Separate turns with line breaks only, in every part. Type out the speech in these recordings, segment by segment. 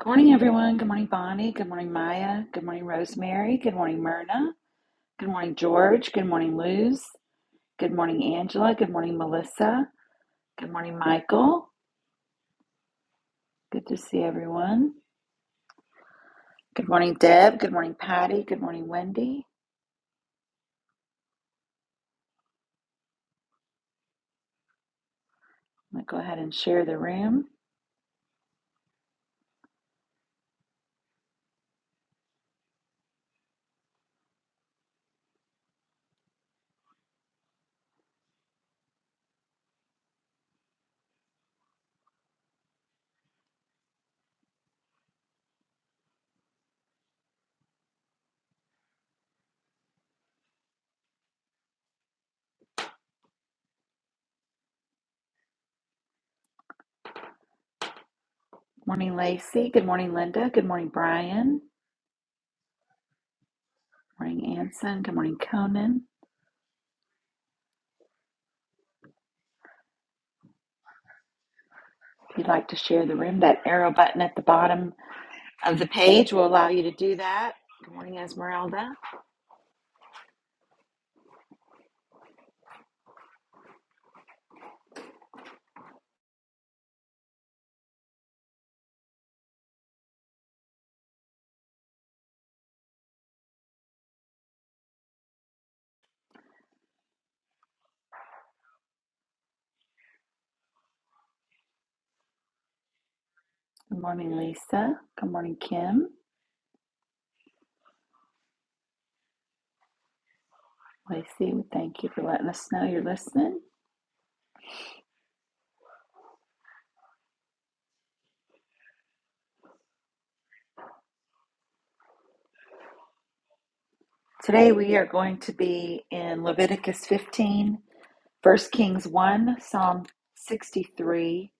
Good morning, everyone. Good morning, Bonnie. Good morning, Maya. Good morning, Rosemary. Good morning, Myrna. Good morning, George. Good morning, Luz. Good morning, Angela. Good morning, Melissa. Good morning, Michael. Good to see everyone. Good morning, Deb. Good morning, Patty. Good morning, Wendy. I'm going to go ahead and share the room. Good morning, Lacey. Good morning, Linda. Good morning, Brian. Good morning, Anson. Good morning, Conan. If you'd like to share the room, that arrow button at the bottom of the page will allow you to do that. Good morning, Esmeralda. Good morning, Lisa. Good morning, Kim. Lacey, we thank you for letting us know you're listening. Today we are going to be in Leviticus 15, First Kings 1, Psalm 63,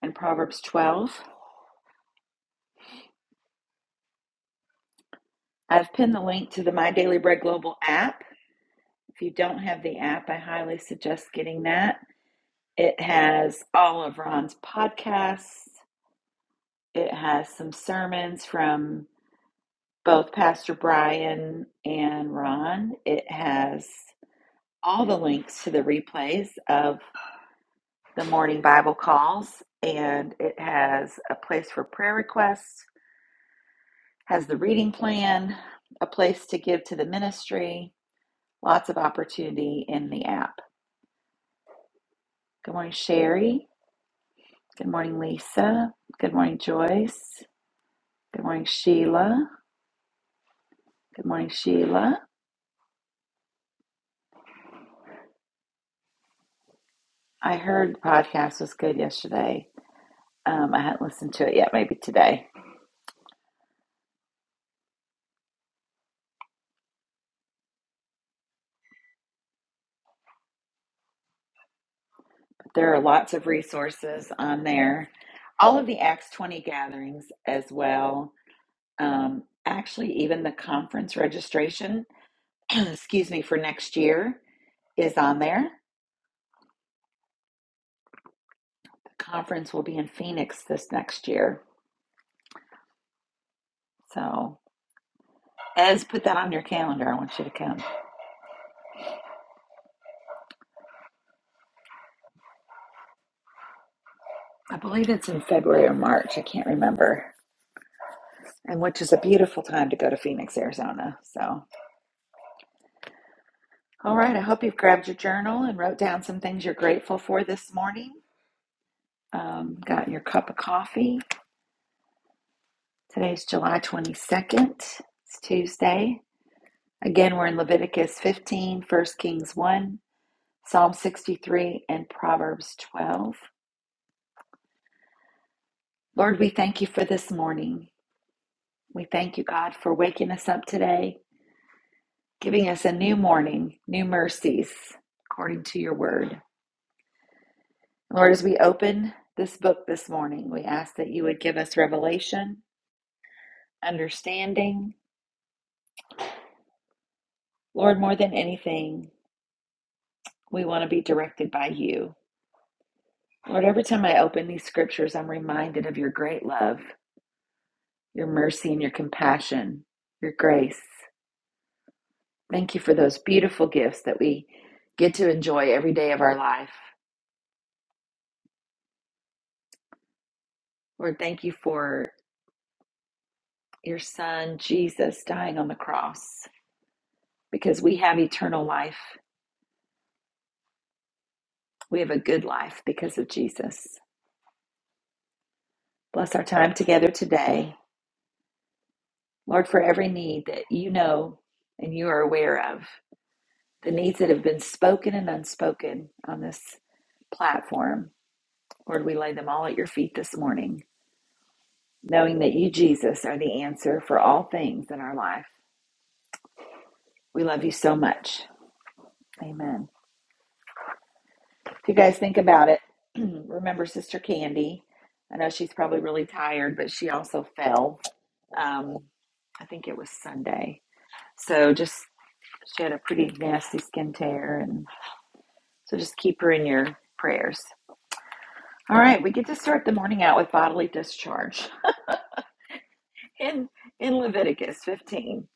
and Proverbs 12. I've pinned the link to the My Daily Bread Global app. If you don't have the app, I highly suggest getting that. It has all of Ron's podcasts, it has some sermons from both Pastor Brian and Ron. It has all the links to the replays of the morning Bible calls, and it has a place for prayer requests, has the reading plan, a place to give to the ministry, lots of opportunity in the app. Good morning, Sherry. Good morning, Lisa. Good morning, Joyce. Good morning, Sheila. Good morning, Sheila. I heard the podcast was good yesterday. Um, I hadn't listened to it yet, maybe today. There are lots of resources on there. All of the Acts 20 gatherings as well. Um, actually, even the conference registration, excuse me, for next year is on there. The conference will be in Phoenix this next year. So, Ez, put that on your calendar. I want you to come. I believe it's in February or March. I can't remember. And which is a beautiful time to go to Phoenix, Arizona. So, all right. I hope you've grabbed your journal and wrote down some things you're grateful for this morning. Um, got your cup of coffee. Today's July 22nd. It's Tuesday. Again, we're in Leviticus 15, First Kings 1, Psalm 63, and Proverbs 12. Lord, we thank you for this morning. We thank you, God, for waking us up today, giving us a new morning, new mercies, according to your word. Lord, as we open this book this morning, we ask that you would give us revelation, understanding, Lord, more than anything, We want to be directed by you. Lord, every time I open these scriptures, I'm reminded of your great love, your mercy, and your compassion, your grace. Thank you for those beautiful gifts that we get to enjoy every day of our life. Lord, thank you for your son, Jesus, dying on the cross because we have eternal life. We have a good life because of Jesus. Bless our time together today. Lord, for every need that you know and you are aware of. the needs that have been spoken and unspoken on this platform. Lord, we lay them all at your feet this morning, knowing that you, Jesus, are the answer for all things in our life. We love you so much. Amen. If you guys think about it, remember Sister Candy. I know she's probably really tired, but she also fell. Um, I think it was Sunday. So just she had a pretty nasty skin tear, and so just keep her in your prayers. All right, we get to start the morning out with bodily discharge. In in Leviticus 15,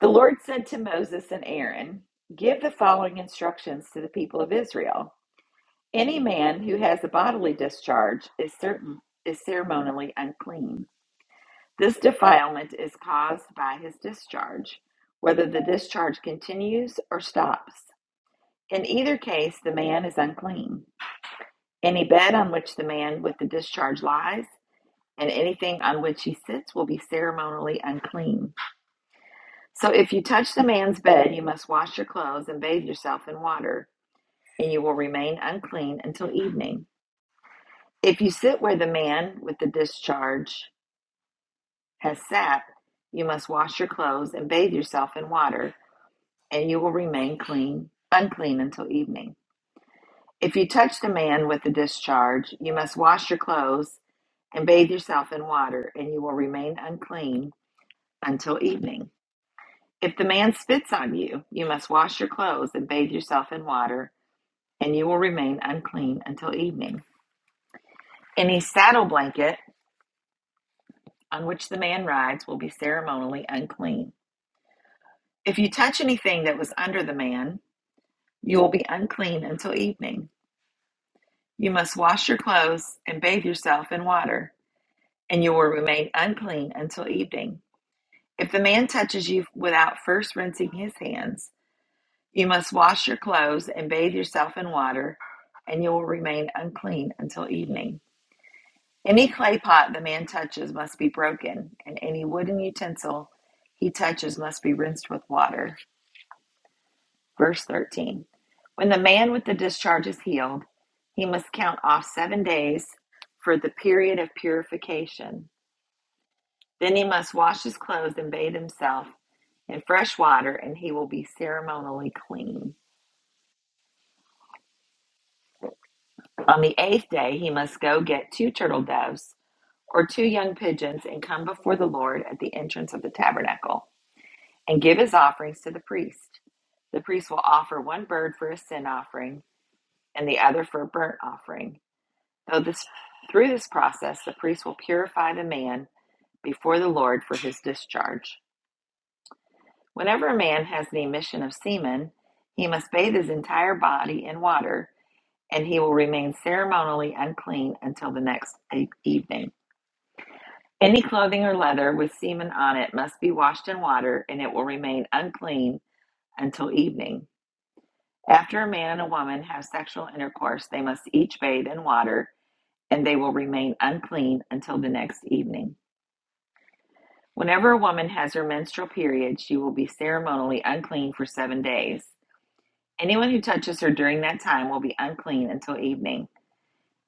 the Lord said to Moses and Aaron, "Give the following instructions to the people of Israel. Any man who has a bodily discharge is certain is ceremonially unclean. This defilement is caused by his discharge, whether the discharge continues or stops. In either case, the man is unclean. Any bed on which the man with the discharge lies and anything on which he sits will be ceremonially unclean. So if you touch the man's bed, you must wash your clothes and bathe yourself in water, and you will remain unclean until evening. If you sit where the man with the discharge has sat, you must wash your clothes and bathe yourself in water, and you will remain clean, unclean until evening. If you touch the man with the discharge, you must wash your clothes and bathe yourself in water, and you will remain unclean until evening. If the man spits on you, you must wash your clothes and bathe yourself in water, and you will remain unclean until evening. Any saddle blanket on which the man rides will be ceremonially unclean. If you touch anything that was under the man, you will be unclean until evening. You must wash your clothes and bathe yourself in water, and you will remain unclean until evening. If the man touches you without first rinsing his hands, You must wash your clothes and bathe yourself in water, and you will remain unclean until evening. Any clay pot the man touches must be broken, and any wooden utensil he touches must be rinsed with water. Verse 13 When the man with the discharge is healed, he must count off seven days for the period of purification. Then he must wash his clothes and bathe himself in fresh water, and he will be ceremonially clean. On the eighth day he must go get two turtle doves or two young pigeons and come before the Lord at the entrance of the tabernacle and give his offerings to the priest. The priest will offer one bird for a sin offering and the other for a burnt offering. Though this, through this process, the priest will purify the man before the Lord for his discharge. Whenever a man has the emission of semen, he must bathe his entire body in water, and he will remain ceremonially unclean until the next e- evening. Any clothing or leather with semen on it must be washed in water, and it will remain unclean until evening. After a man and a woman have sexual intercourse, they must each bathe in water, and they will remain unclean until the next evening. Whenever a woman has her menstrual period, she will be ceremonially unclean for seven days. Anyone who touches her during that time will be unclean until evening.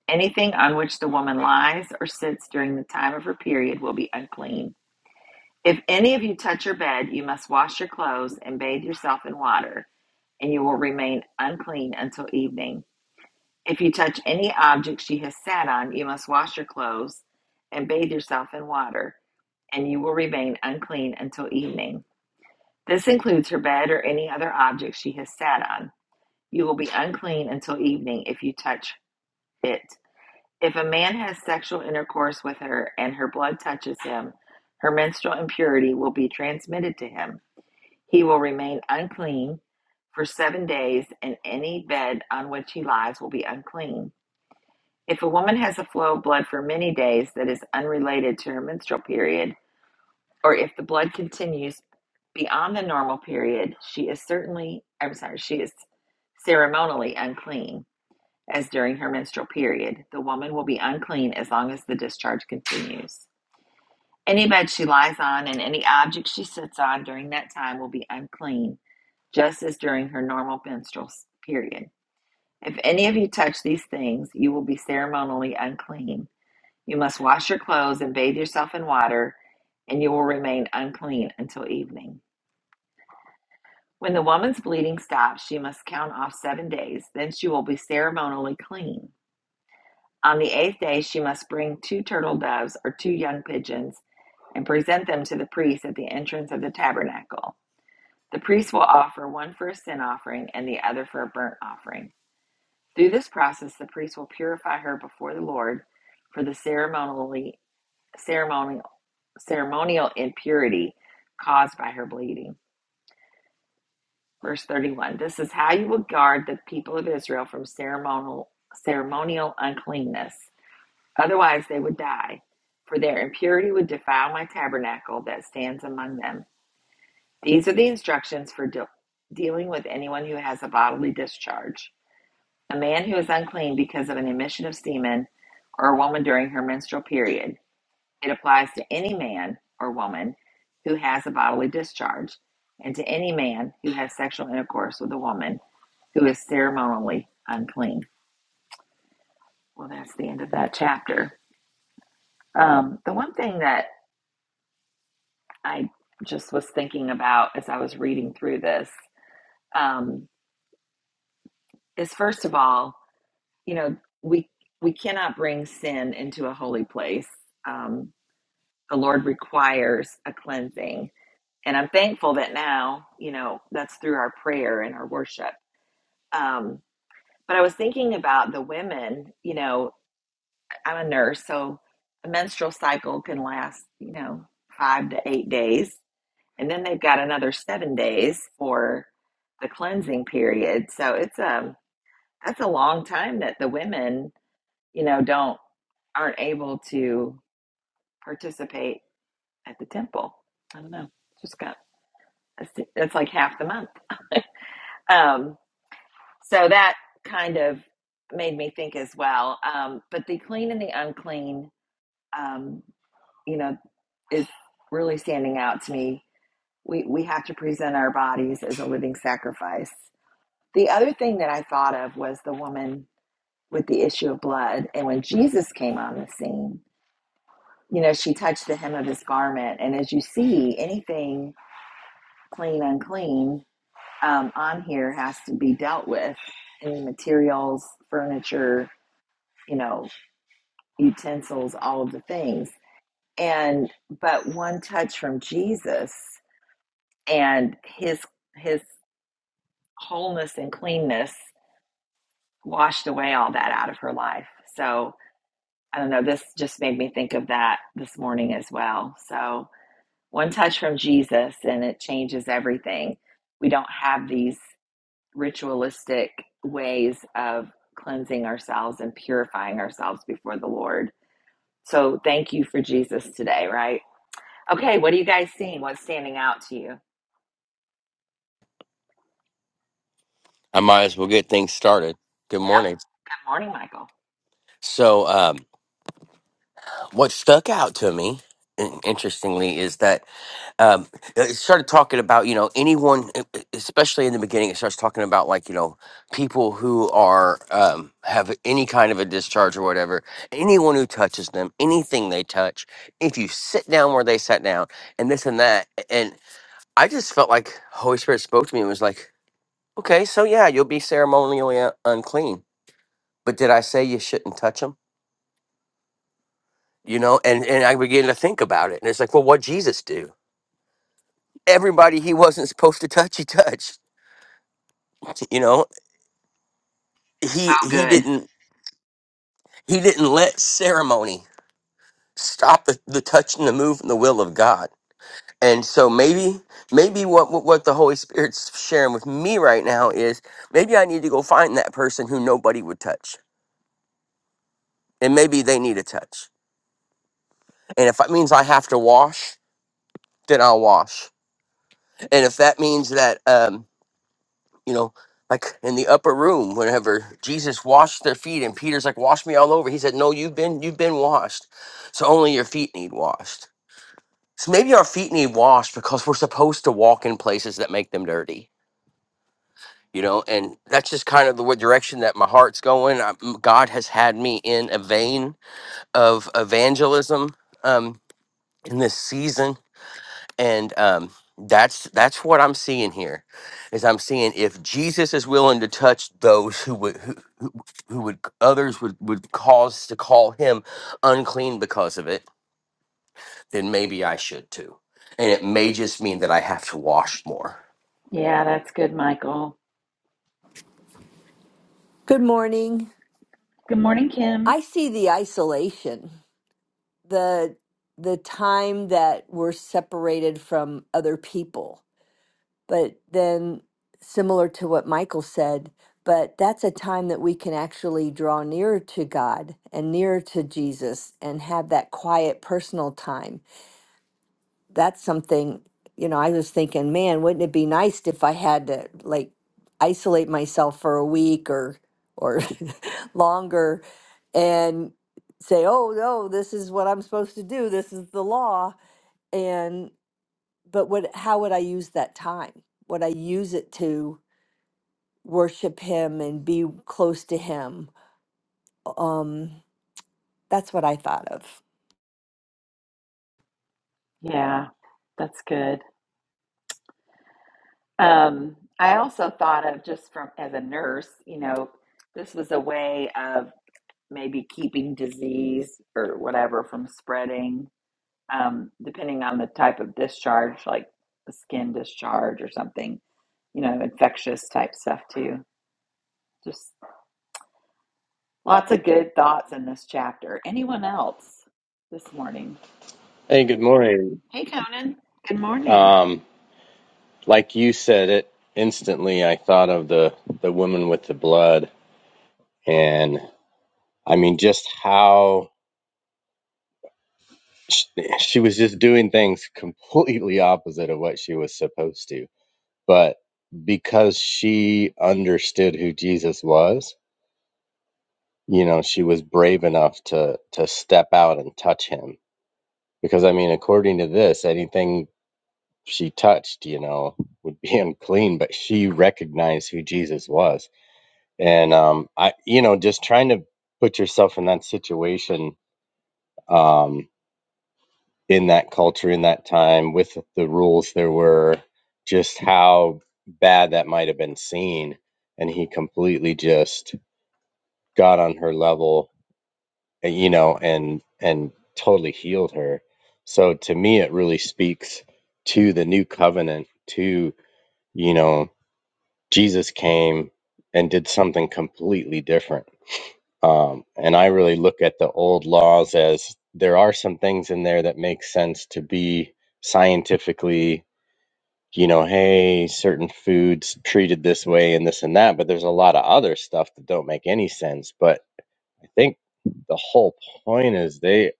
Anything on which the woman lies or sits during the time of her period will be unclean. If any of you touch your bed, you must wash your clothes and bathe yourself in water, and you will remain unclean until evening. If you touch any object she has sat on, you must wash your clothes and bathe yourself in water, and you will remain unclean until evening. This includes her bed or any other object she has sat on. You will be unclean until evening if you touch it. If a man has sexual intercourse with her and her blood touches him, her menstrual impurity will be transmitted to him He will remain unclean for seven days, and any bed on which he lies will be unclean. If a woman has a flow of blood for many days that is unrelated to her menstrual period, or if the blood continues beyond the normal period, she is certainly, I'm sorry, she is ceremonially unclean as during her menstrual period. The woman will be unclean as long as the discharge continues. Any bed she lies on and any object she sits on during that time will be unclean, just as during her normal menstrual period. If any of you touch these things, you will be ceremonially unclean. You must wash your clothes and bathe yourself in water, and you will remain unclean until evening. When the woman's bleeding stops, she must count off seven days. Then she will be ceremonially clean. On the eighth day, she must bring two turtle doves or two young pigeons and present them to the priest at the entrance of the tabernacle. The priest will offer one for a sin offering and the other for a burnt offering. Through this process, the priest will purify her before the Lord for the ceremonially, ceremonial, ceremonial impurity caused by her bleeding. Verse 31 This is how you will guard the people of Israel from ceremonial, ceremonial uncleanness. Otherwise, they would die, for their impurity would defile my tabernacle that stands among them. These are the instructions for deal dealing with anyone who has a bodily discharge. A man who is unclean because of an emission of semen or a woman during her menstrual period. It applies to any man or woman who has a bodily discharge and to any man who has sexual intercourse with a woman who is ceremonially unclean. Well, that's the end of that chapter. Um, the one thing that I just was thinking about as I was reading through this um, is first of all, you know we we cannot bring sin into a holy place um, the lord requires a cleansing and i'm thankful that now you know that's through our prayer and our worship um, but i was thinking about the women you know i'm a nurse so a menstrual cycle can last you know five to eight days and then they've got another seven days for the cleansing period so it's um that's a long time that the women you know, don't aren't able to participate at the temple. I don't know. Just got that's like half the month. um, so that kind of made me think as well. Um, but the clean and the unclean, um, you know, is really standing out to me. We we have to present our bodies as a living sacrifice. The other thing that I thought of was the woman with the issue of blood, and when Jesus came on the scene, you know, she touched the hem of his garment. And as you see, anything clean, unclean um, on here has to be dealt with. Any materials, furniture, you know, utensils, all of the things. And but one touch from Jesus and his his wholeness and cleanness washed away all that out of her life. So I don't know, this just made me think of that this morning as well. So One touch from Jesus and it changes everything. We don't have these ritualistic ways of cleansing ourselves and purifying ourselves before the Lord. So thank you for Jesus today, right? Okay, what are you guys seeing? What's standing out to you?
I might as well get things started. Good
Yep.
morning.
Good morning, Michael.
So, um, what stuck out to me, in- interestingly, is that um, it started talking about, you know, anyone, e- e- especially in the beginning, it starts talking about like, you know, people who are, um, have any kind of a discharge or whatever, anyone who touches them, anything they touch, if you sit down where they sat down, and this and that. And I just felt like Holy Spirit spoke to me and was like, okay, so yeah, you'll be ceremonially uh, unclean But did I say you shouldn't touch them? You know, and, and I began to think about it. And it's like, well, what Jesus do? Everybody he wasn't supposed to touch, he touched. You know,
So
he he
good.
didn't he didn't let ceremony stop the, the touch and the move and the will of God. And so maybe maybe what, what what the Holy Spirit's sharing with me right now is maybe I need to go find that person who nobody would touch. And maybe they need a touch. And if that means I have to wash, then I'll wash. And if that means that um you know, like in the upper room, whenever Jesus washed their feet and Peter's like, wash me all over. He said, no, you've been, you've been washed. So only your feet need washed. So maybe our feet need washed because we're supposed to walk in places that make them dirty, you know, and that's just kind of the wa- direction that my heart's going. I, m- God has had me in a vein of evangelism um, in this season and um, that's that's what I'm seeing here, is I'm seeing if Jesus is willing to touch those who would who, who who would others would would cause to call him unclean because of it, then maybe I should too, and it may just mean that I have to wash more.
Yeah, Michael.
Good morning.
Good morning, Kim.
I see the isolation, the the time that we're separated from other people. But then similar to what Michael said, but that's a time that we can actually draw nearer to God and nearer to Jesus and have that quiet personal time that's something, you know, I was thinking, man, wouldn't it be nice if I had to like isolate myself for a week or or longer and say, "Oh, no, this is what I'm supposed to do. This is the law." And but what how would I use that time? Would I use it to worship him and be close to him? Um that's what I thought of.
Yeah, that's good. Um, I also thought of just from as a nurse, you know, this was a way of maybe keeping disease or whatever from spreading, um, depending on the type of discharge, like a skin discharge or something, you know, infectious type stuff too. Just lots of good thoughts in this chapter. Anyone else this morning?
Hey, good morning.
Hey, Conan. Good morning.
Um, like you said it instantly, I thought of the the woman with the blood, and I mean, just how she, she was just doing things completely opposite of what she was supposed to. But because she understood who Jesus was, you know, she was brave enough to to step out and touch him. Because I mean, according to this, anything she touched, you know, would be unclean, but she recognized who Jesus was and um i you know just trying to put yourself in that situation um in that culture in that time with the rules there were just how bad that might have been seen and he completely just got on her level uh, you know and and totally healed her so to me it really speaks to the new covenant to you know jesus came and did something completely different Um, and I really look at the old laws as there are some things in there that make sense to be scientifically, you know, hey, certain foods treated this way and this and that, but there's a lot of other stuff that don't make any sense. But I think the whole point is they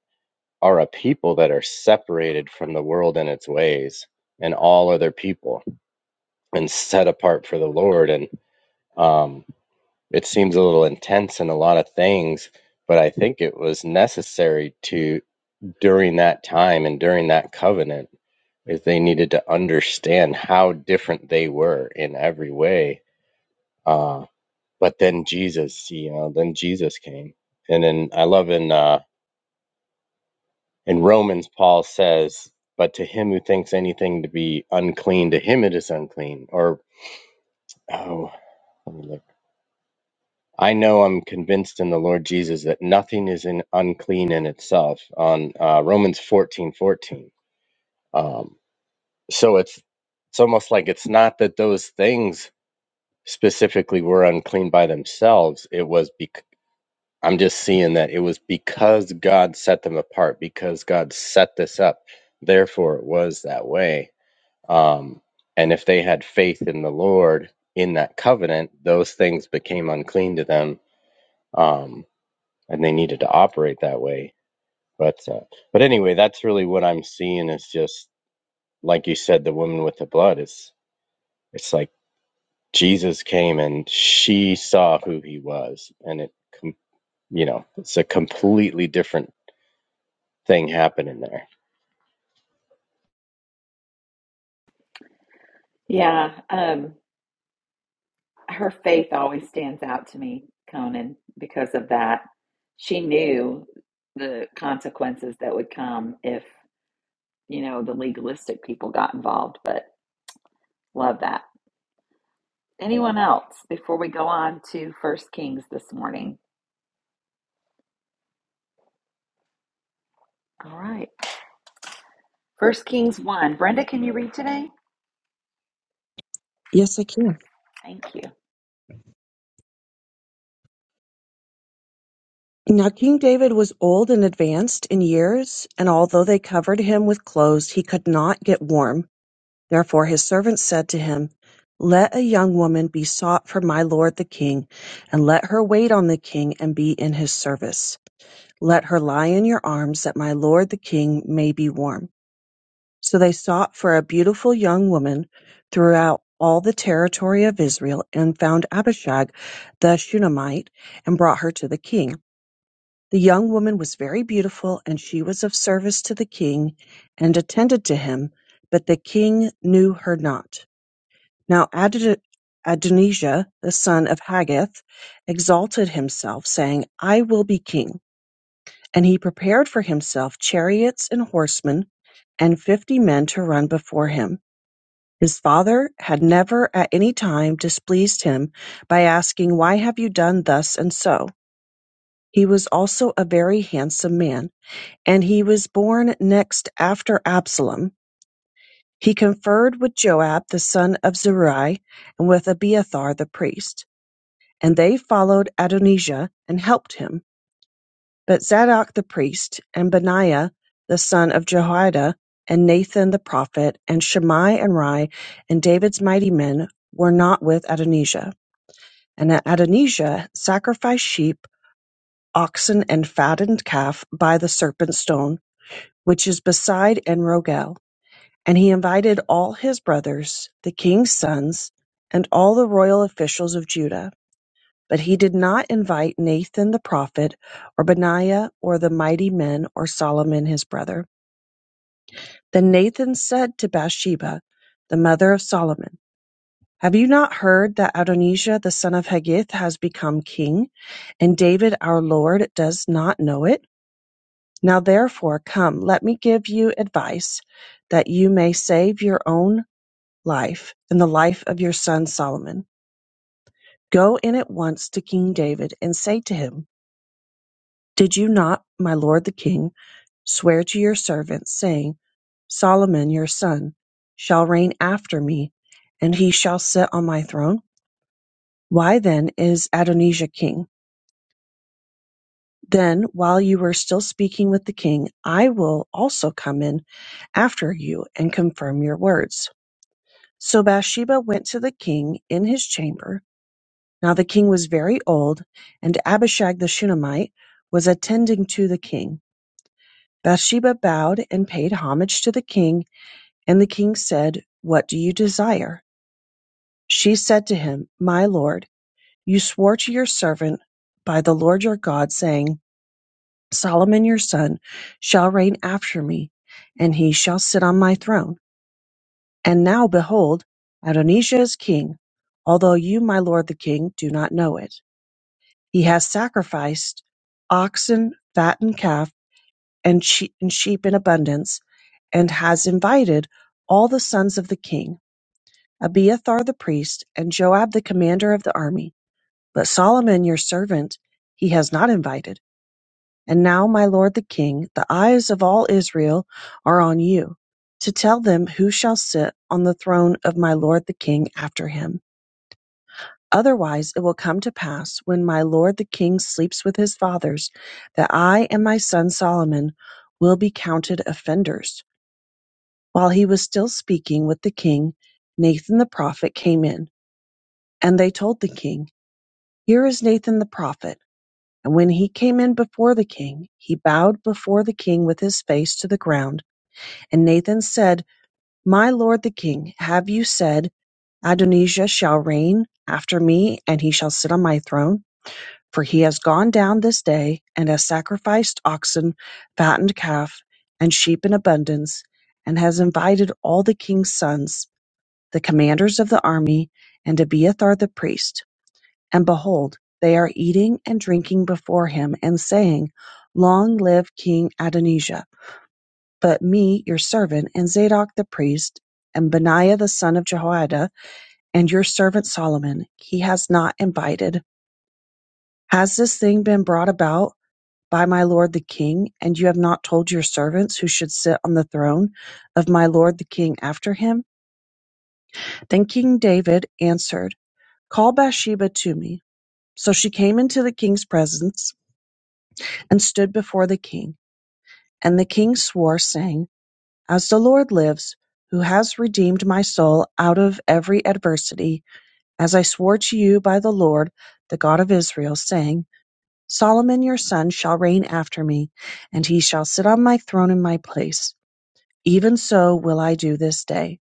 are a people that are separated from the world and its ways and all other people and set apart for the Lord. And, um, it seems a little intense in a lot of things, but I think it was necessary to during that time and during that covenant is they needed to understand how different they were in every way. Uh, but then Jesus, you know, then Jesus came, and then I love in uh, in Romans, Paul says, "But to him who thinks anything to be unclean, to him it is unclean." Or oh, let me look. I know I'm convinced in the Lord Jesus that nothing is in unclean in itself on uh, Romans 14 14, Um, so it's it's almost like it's not that those things specifically were unclean by themselves. It was bec- I'm just seeing that it was because God set them apart, because God set this up. Therefore, it was that way. Um, and if they had faith in the Lord in that covenant, those things became unclean to them. Um, and they needed to operate that way. But uh, but anyway, that's really what I'm seeing is just like you said, the woman with the blood. It's it's like Jesus came and she saw who he was, and it com- you know it's a completely different thing happening there.
Yeah, um, her faith always stands out to me, Conan, because of that. She knew the consequences that would come if you know, the legalistic people got involved, but love that. Anyone else before we go on to First Kings this morning? All right. First Kings 1. Brenda, can you read today?
Yes, I can.
Thank you.
Now, King David was old and advanced in years, and although they covered him with clothes, he could not get warm. Therefore, his servants said to him, Let a young woman be sought for my lord the king, and let her wait on the king and be in his service. Let her lie in your arms, that my lord the king may be warm. So they sought for a beautiful young woman throughout all the territory of Israel, and found Abishag the Shunammite, and brought her to the king. The young woman was very beautiful, and she was of service to the king, and attended to him, but the king knew her not. Now Adad- Adonijah, the son of Haggith, exalted himself, saying, I will be king. And he prepared for himself chariots and horsemen, and fifty men to run before him. His father had never at any time displeased him by asking, Why have you done thus and so? He was also a very handsome man and he was born next after Absalom. He conferred with Joab the son of Zeruiah and with Abiathar the priest, and they followed Adonijah and helped him. But Zadok the priest, and Benaiah the son of Jehoiada, and Nathan the prophet, and Shammai and Rai, and David's mighty men were not with Adonijah. And Adonijah sacrificed sheep, oxen, and fattened calf by the serpent stone, which is beside En Rogel And he invited all his brothers, the king's sons, and all the royal officials of Judah. But he did not invite Nathan the prophet, or Benaiah, or the mighty men, or Solomon his brother. Then Nathan said to Bathsheba, the mother of Solomon, Have you not heard that Adonijah the son of Haggith has become king, and David our Lord does not know it? Now therefore, come, let me give you advice, that you may save your own life and the life of your son Solomon. Go in at once to King David and say to him, Did you not, my lord the king, swear to your servant, saying, Solomon your son shall reign after me, and he shall sit on my throne? Why then is Adonijah king? Then, while you are still speaking with the king, I will also come in after you and confirm your words. So Bathsheba went to the king in his chamber Now the king was very old, and Abishag the Shunammite was attending to the king. Bathsheba bowed and paid homage to the king, and the king said, What do you desire? She said to him, My lord, you swore to your servant by the Lord your God, saying, 'Solomon your son shall reign after me, and he shall sit on my throne. And now behold, Adonijah is king, although you, my lord the king, do not know it. He has sacrificed oxen, fattened calf, and she- and sheep in abundance, and has invited all the sons of the king, Abiathar the priest, and Joab the commander of the army. But Solomon your servant he has not invited. And now, my lord the king, the eyes of all Israel are on you, to tell them who shall sit on the throne of my lord the king after him Otherwise it will come to pass, when my lord the king sleeps with his fathers, that I and my son Solomon will be counted offenders. While he was still speaking with the king, Nathan the prophet came in, and they told the king, Here is Nathan the prophet. And when he came in before the king, he bowed before the king with his face to the ground. And Nathan said, My lord the king, have you said, Adonijah shall reign after me, and he shall sit on my throne? For he has gone down this day, and has sacrificed oxen, fattened calf, and sheep in abundance, and has invited all the king's sons, the commanders of the army, and Abiathar the priest. And behold, they are eating and drinking before him, and saying, Long live King Adonijah! But me, your servant, and Zadok the priest, and Benaiah the son of Jehoiada, and your servant Solomon, he has not invited. Has this thing been brought about? by my lord the king, and you have not told your servants who should sit on the throne of my lord the king after him? Then King David answered, Call Bathsheba to me. So she came into the king's presence and stood before the king. And the king swore, saying, As the Lord lives, who has redeemed my soul out of every adversity, as I swore to you by the Lord, the God of Israel, saying, Solomon your son shall reign after me, and he shall sit on my throne in my place. Even so will I do this day.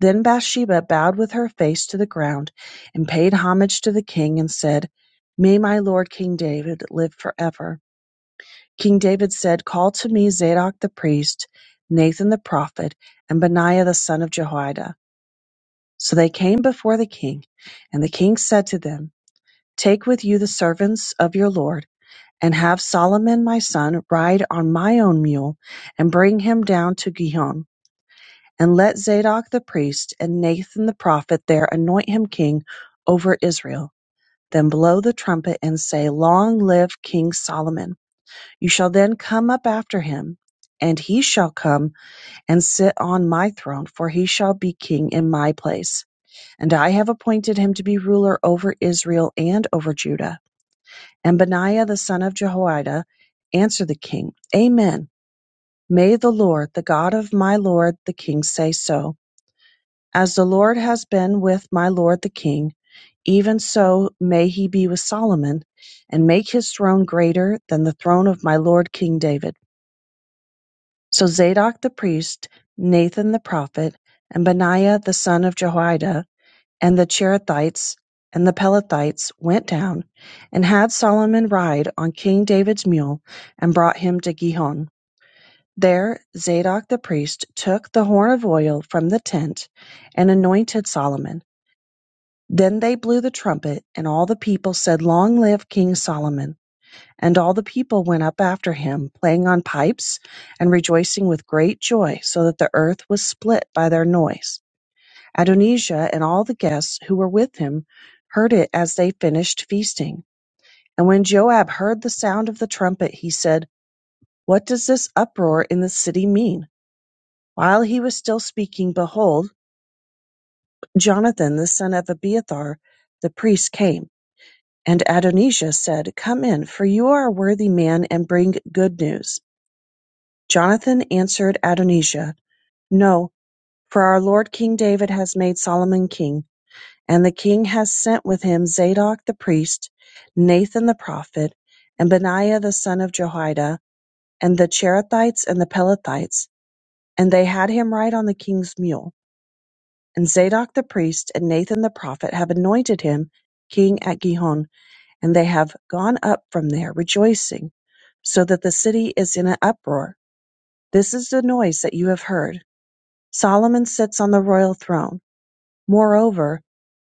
Then Bathsheba bowed with her face to the ground and paid homage to the king and said, May my lord King David live forever. King David said, Call to me Zadok the priest, Nathan the prophet, and Benaiah the son of Jehoiada. So they came before the king, and the king said to them, Take with you the servants of your lord, and have Solomon my son ride on my own mule, and bring him down to Gihon and let Zadok the priest and Nathan the prophet there anoint him king over Israel. Then blow the trumpet and say, Long live King Solomon. You shall then come up after him, and he shall come and sit on my throne, for he shall be king in my place. And I have appointed him to be ruler over Israel and over Judah. And Benaiah the son of Jehoiada answered the king, Amen. May the Lord, the God of my Lord the king, say so. As the Lord has been with my lord the king, even so may he be with Solomon, and make his throne greater than the throne of my lord King David. So Zadok the priest, Nathan the prophet, and Benaiah the son of Jehoiada, and the Cherethites and the Pelethites went down and had Solomon ride on King David's mule and brought him to Gihon. There Zadok the priest took the horn of oil from the tent and anointed Solomon. Then they blew the trumpet, and all the people said, Long live King Solomon! And all the people went up after him, playing on pipes, and rejoicing with great joy, so that the earth was split by their noise. Adonijah and all the guests who were with him heard it as they finished feasting. And when Joab heard the sound of the trumpet, he said, What does this uproar in the city mean? While he was still speaking, behold, Jonathan the son of Abiathar the priest came And Adonijah said, Come in, for you are a worthy man, and bring good news. Jonathan answered Adonijah, No, for our lord King David has made Solomon king, and the king has sent with him Zadok the priest, Nathan the prophet, and Benaiah the son of Jehoiada, and the Cherethites and the Pelethites, and they had him ride on the king's mule. And Zadok the priest and Nathan the prophet have anointed him king at Gihon and they have gone up from there rejoicing, so that the city is in an uproar. This is the noise that you have heard. Solomon sits on the royal throne. Moreover,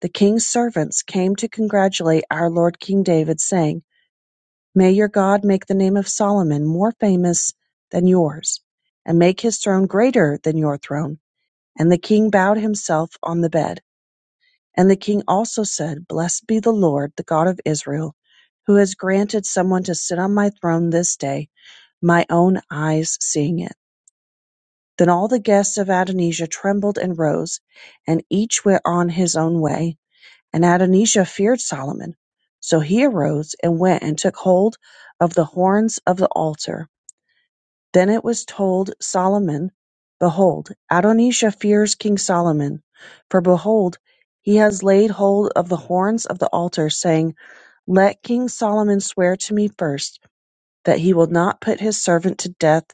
the king's servants came to congratulate our Lord King David, saying, May your God make the name of Solomon more famous than yours, and make his throne greater than your throne. And the king bowed himself on the bed. And the king also said, Blessed be the Lord, the God of Israel, who has granted someone to sit on my throne this day, my own eyes seeing it. Then all the guests of Adonijah trembled and rose, and each went on his own way. And Adonijah feared Solomon. So he arose and went and took hold of the horns of the altar then it was told Solomon, Behold, Adonijah fears king Solomon: for, behold, he has laid hold of the horns of the altar, saying, Let king Solomon swear to me first, that he will not put his servant to death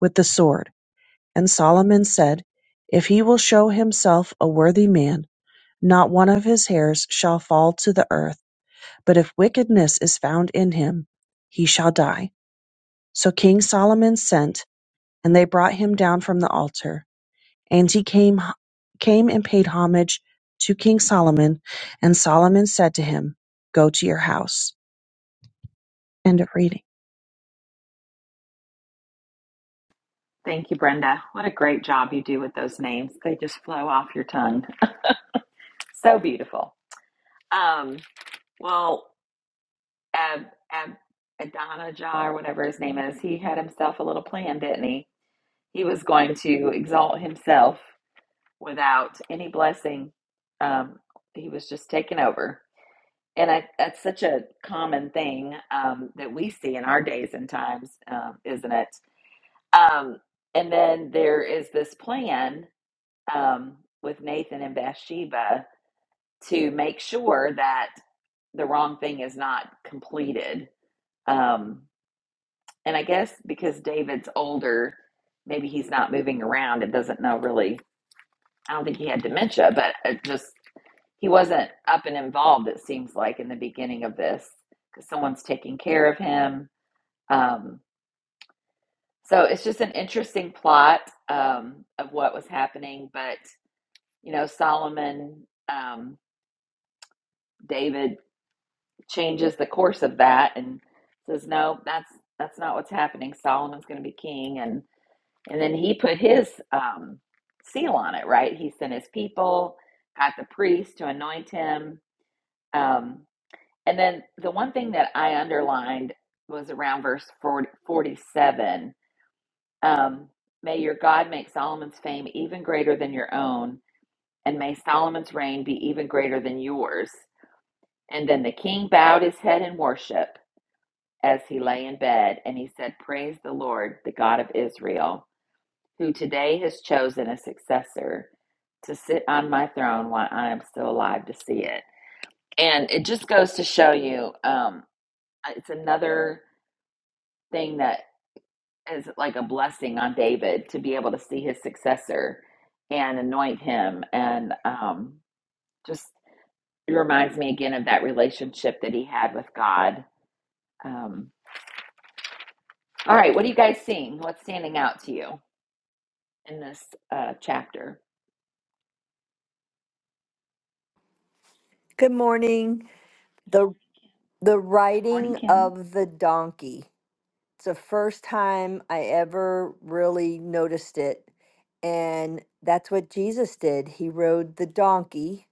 with the sword. And Solomon said, If he will show himself a worthy man, not one of his hairs shall fall to the earth, but if wickedness is found in him, he shall die. So king Solomon sent and they brought him down from the altar. And he came, came and paid homage to King Solomon. And Solomon said to him, Go to your house. End of reading.
Thank you, Brenda. What a great job you do with those names. They just flow off your tongue. So beautiful. Um, well, Ab, Ab, Adonijah, or whatever his name is, he had himself a little plan, didn't he? He was going to exalt himself without any blessing. Um, he was just taken over. And I, that's such a common thing um, that we see in our days and times, um, isn't it? Um, and then there is this plan um, with Nathan and Bathsheba to make sure that the wrong thing is not completed. Um, and I guess because David's older, maybe he's not moving around and doesn't know really I don't think he had dementia, but it just he wasn't up and involved. It seems like in the beginning of this, because someone's taking care of him. Um, so it's just an interesting plot um, of what was happening. But you know, Solomon um, David changes the course of that and says, "No, that's that's not what's happening. Solomon's going to be king." And and then he put his um, seal on it. Right? He sent his people, got the priest to anoint him Um, and then the one thing that I underlined was around verse 40, 47. Um, may your God make Solomon's fame even greater than your own, and may Solomon's reign be even greater than yours. And then the king bowed his head in worship as he lay in bed, and he said, Praise the Lord, the God of Israel, who today has chosen a successor to sit on my throne while I am still alive to see it. And it just goes to show you. um, it's another thing that is like a blessing on David to be able to see his successor and anoint him. And um, just it reminds me again of that relationship that he had with God. Um, all right, what are you guys seeing? What's standing out to you in this uh, chapter?
Good morning. The the
Good morning,
riding
Kim.
of the donkey. It's the first time I ever really noticed it. And that's what Jesus did. He rode the donkey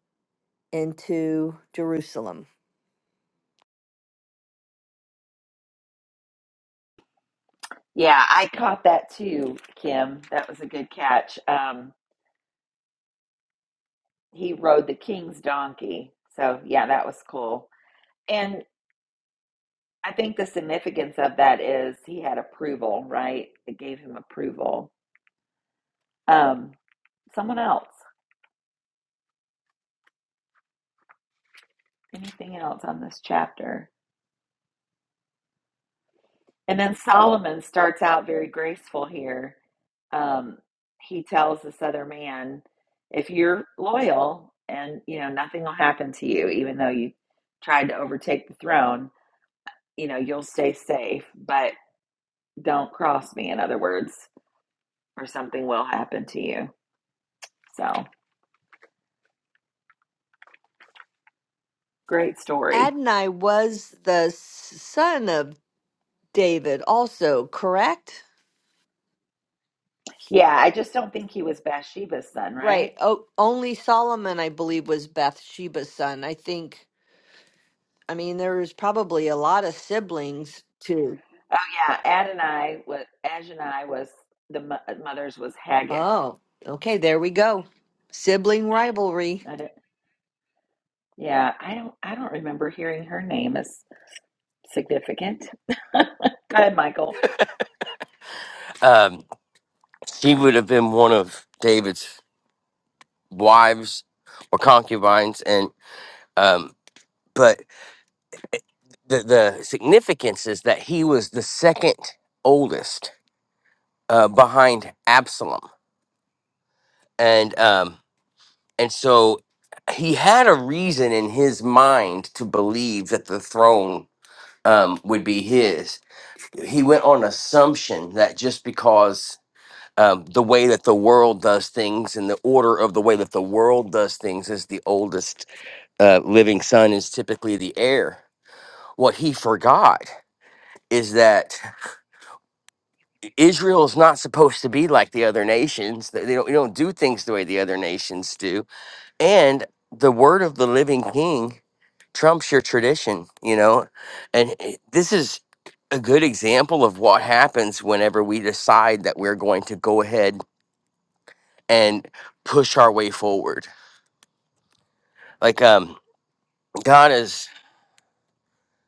into Jerusalem.
Yeah, I caught that too, Kim. That was a good catch. Um, he rode the king's donkey. So, yeah, that was cool. And. I think the significance of that is he had approval, right? It gave him approval. Um, someone else, anything else on this chapter? And then Solomon starts out very graceful here. Um, he tells this other man, if you're loyal and, you know, nothing will happen to you, even though you tried to overtake the throne, you know, you'll stay safe, but don't cross me, in other words, or something will happen to you. So great story.
Adonai was the s- son of David, also, correct?
Yeah, I just don't think he was Bathsheba's son,
Right.
right?
Oh, only Solomon, I believe, was Bathsheba's son. I think, I mean, there was probably a lot of siblings too.
Oh yeah, Adonai was Adonai was the mo- uh, mother's was Haggith.
Oh, okay. There we go. Sibling rivalry.
I don't- yeah, I don't I don't remember hearing her name as significant. Go ahead, Michael.
Um, she would have been one of David's wives or concubines, and um, but the the significance is that he was the second oldest uh, behind Absalom and um and so he had a reason in his mind to believe that the throne um would be his he went on assumption that just because um, the way that the world does things and the order of the way that the world does things is the oldest uh, living son is typically the heir what he forgot is that israel is not supposed to be like the other nations they they don't, they don't do things the way the other nations do and the word of the living king trumps your tradition you know and it- this is a good example of what happens whenever we decide that we're going to go ahead and push our way forward like um god has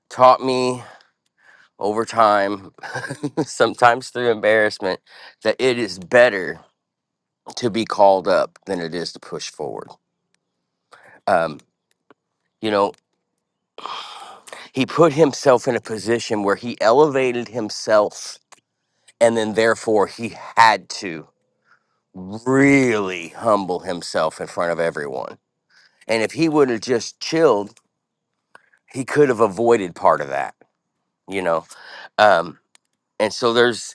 taught me over time sometimes through embarrassment that it is better to be called up than it is to push forward um you know he put himself in a position where he elevated himself and then therefore he had to really humble himself in front of everyone and if he would have just chilled he could have avoided part of that you know um and so there's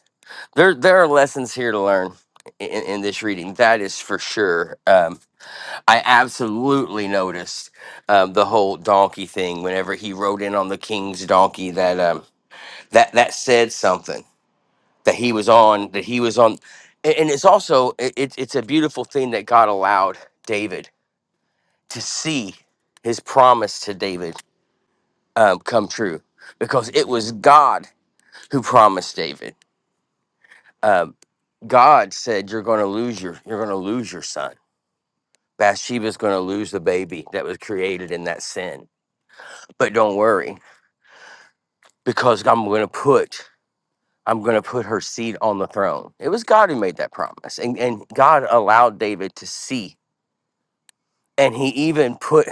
there there are lessons here to learn in, in this reading that is for sure um i absolutely noticed um the whole donkey thing whenever he rode in on the king's donkey that um that that said something that he was on that he was on and, and it's also it, it's it's a beautiful thing that god allowed david to see his promise to david um, come true because it was god who promised david um, god said you're going to lose your you're going to lose your son bathsheba's going to lose the baby that was created in that sin but don't worry because i'm going to put i'm going to put her seed on the throne it was god who made that promise and, and god allowed david to see and he even put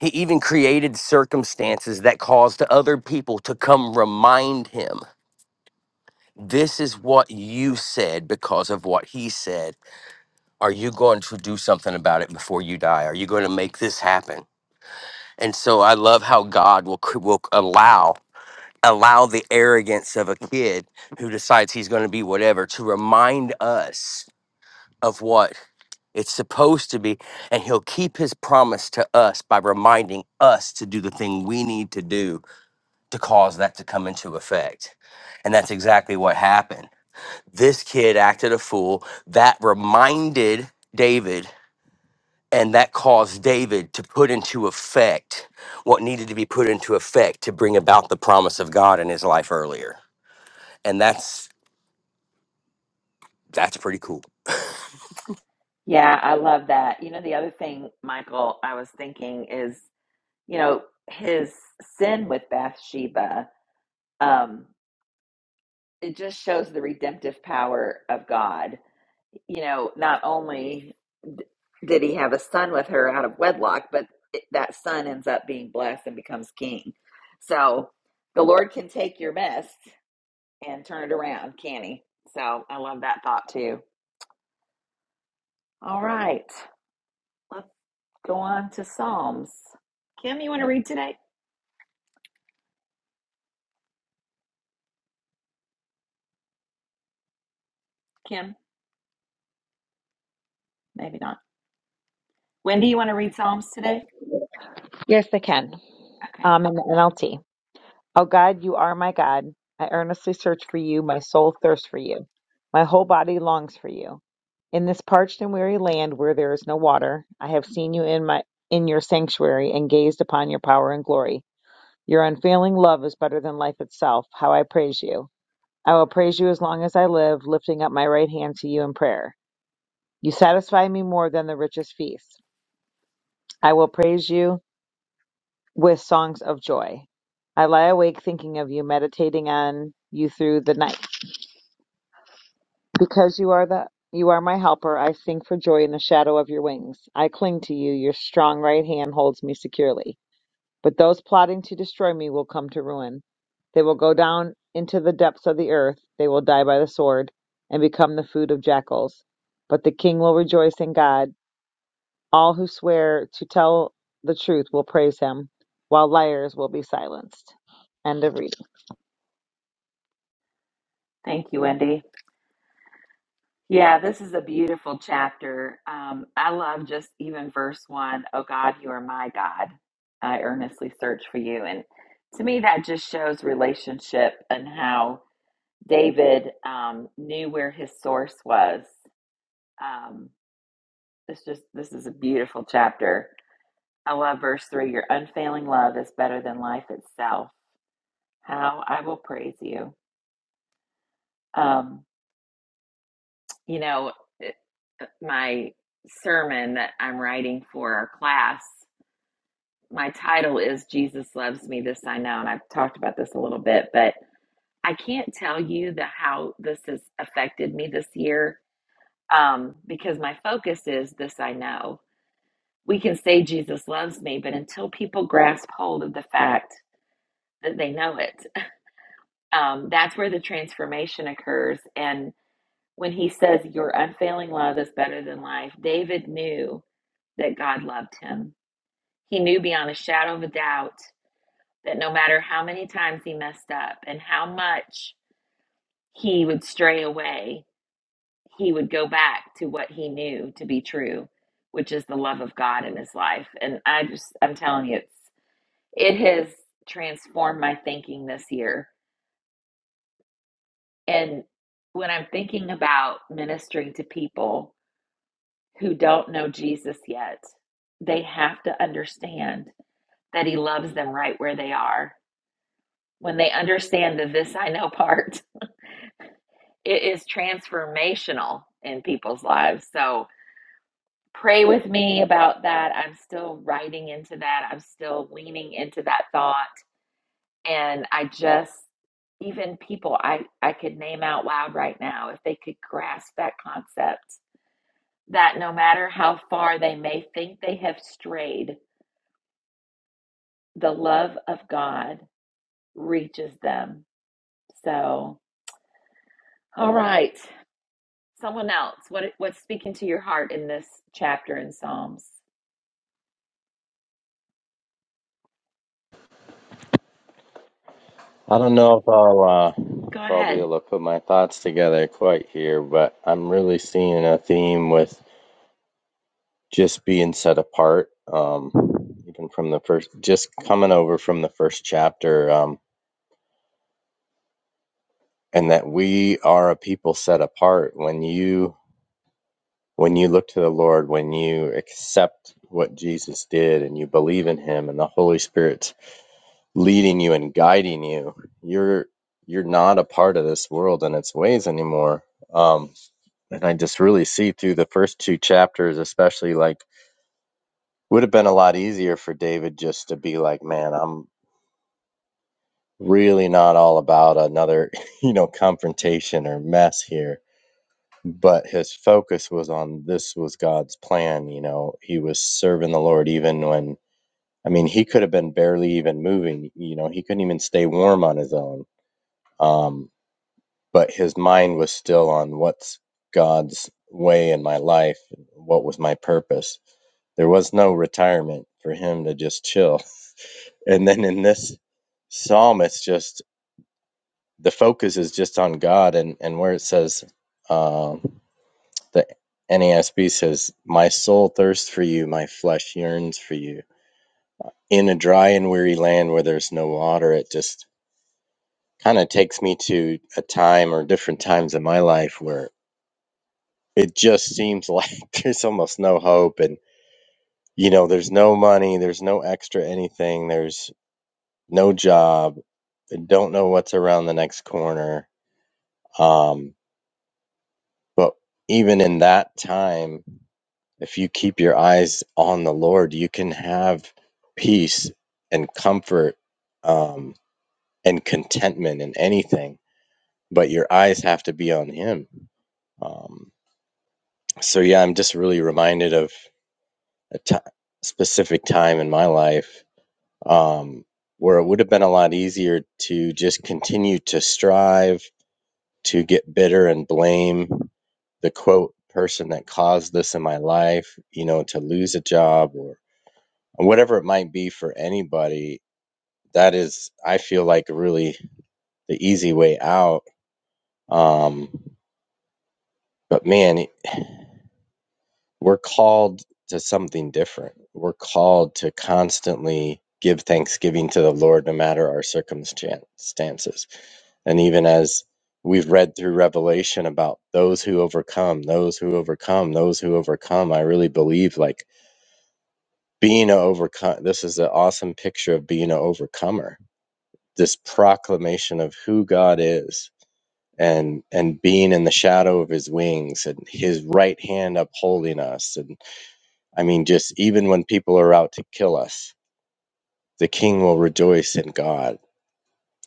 he even created circumstances that caused other people to come remind him this is what you said because of what he said are you going to do something about it before you die are you going to make this happen and so i love how god will cr- will allow allow the arrogance of a kid who decides he's going to be whatever to remind us of what. It's supposed to be, and he'll keep his promise to us by reminding us to do the thing we need to do to cause that to come into effect. And that's exactly what happened. This kid acted a fool. That reminded David, and that caused David to put into effect what needed to be put into effect to bring about the promise of God in his life earlier. And that's that's pretty cool.
Yeah, I love that. You know, the other thing, Michael, I was thinking is, you know, his sin with Bathsheba, um, it just shows the redemptive power of God you know, not only d- did he have a son with her out of wedlock, but it, that son ends up being blessed and becomes king. So the Lord can take your mess and turn it around, can he? So I love that thought too. All right, let's go on to Psalms. Kim, you want to read today? Kim, maybe not. Wendy, you want to read Psalms today?
Yes, I can.
Okay.
Um, in the NLT. Oh God, you are my God. I earnestly search for you. My soul thirsts for you. My whole body longs for you. In this parched and weary land where there is no water, I have seen you in my in your sanctuary and gazed upon your power and glory. Your unfailing love is better than life itself. How I praise you. I will praise you as long as I live, lifting up my right hand to you in prayer. You satisfy me more than the richest feast. I will praise you with songs of joy. I lie awake thinking of you, meditating on you through the night. Because you are the you are my helper, I sing for joy in the shadow of your wings. I cling to you, your strong right hand holds me securely. But those plotting to destroy me will come to ruin. They will go down into the depths of the earth, they will die by the sword and become the food of jackals. But the king will rejoice in God. All who swear to tell the truth will praise him, while liars will be silenced. End of reading.
Thank you, Wendy. Yeah, this is a beautiful chapter. Um, I love just even verse one, Oh God, you are my God. I earnestly search for you. And to me, that just shows relationship and how David um, knew where his source was. Um, it's just, this is a beautiful chapter. I love verse three Your unfailing love is better than life itself. How I will praise you. Um, you know, eh, eh, my sermon that I'm writing for our class, my title is Jesus Loves Me, This I Know. And I've talked about this a little bit, but I can't tell you the how this has affected me this year um, because my focus is this I know. We can say Jesus loves me, but until people grasp hold of the fact that they know it, um, that's where the transformation occurs. And when he says, Your unfailing love is better than life, David knew that God loved him. He knew beyond a shadow of a doubt that no matter how many times he messed up and how much he would stray away, he would go back to what he knew to be true, which is the love of God in his life. And I just, I'm telling you, it's, it has transformed my thinking this year. And when I'm thinking about ministering to people, who don't know Jesus yet, they have to understand that He loves them right where they are. When they understand the this I know part, it is transformational in people's lives. So pray with me about that. I'm still writing into that, I'm still leaning into that thought. And I just, even people I, I could name out loud right now, if they could grasp that concept, that no matter how far they may think they have strayed, the love of God reaches them. So, all right, someone else. What what's speaking to your heart in this chapter in Psalms?
I don't know if I'll uh,
Go
if I'll be
ahead,
able to put my thoughts together quite here, but I'm really seeing a theme with just being set apart um even from the first just coming over from the first chapter um and that we are a people set apart when you when you look to the lord when you accept what jesus did and you believe in him and the holy spirit's leading you and guiding you you're you're not a part of this world and its ways anymore um and i just really see through the first two chapters especially like would have been a lot easier for David just to be like, man, I'm really not all about another, you know, confrontation or mess here. But his focus was on this was God's plan. You know, he was serving the Lord even when, I mean, he could have been barely even moving. You know, he couldn't even stay warm on his own. Um, but his mind was still on what's God's way in my life? What was my purpose? There was no retirement for him to just chill. And then in this psalm, it's just the focus is just on God, and and where it says, um, the NASB says, "My soul thirsts for you, my flesh yearns for you." In a dry and weary land where there's no water, it just kind of takes me to a time or different times in my life where it just seems like there's almost no hope, and you know, there's no money, there's no extra anything, there's no job, don't know what's around the next corner. Um, but even in that time. If you keep your eyes on the Lord, you can have peace and comfort um, and contentment in anything, but your eyes have to be on Him. Um, so, yeah, I'm just really reminded of a t- specific time in my life um, where it would have been a lot easier to just continue to strive, to get bitter and blame the quote person that caused this in my life, you know, to lose a job or. whatever it might be for anybody that is i feel like really the easy way out um but man we're called to something different we're called to constantly give thanksgiving to the lord no matter our circumstances and even as we've read through revelation about those who overcome those who overcome those who overcome i really believe like being an overcomer. this is an awesome picture of being an overcomer this proclamation of who God is and and being in the shadow of his wings and his right hand upholding us and I mean just even when people are out to kill us the king will rejoice in God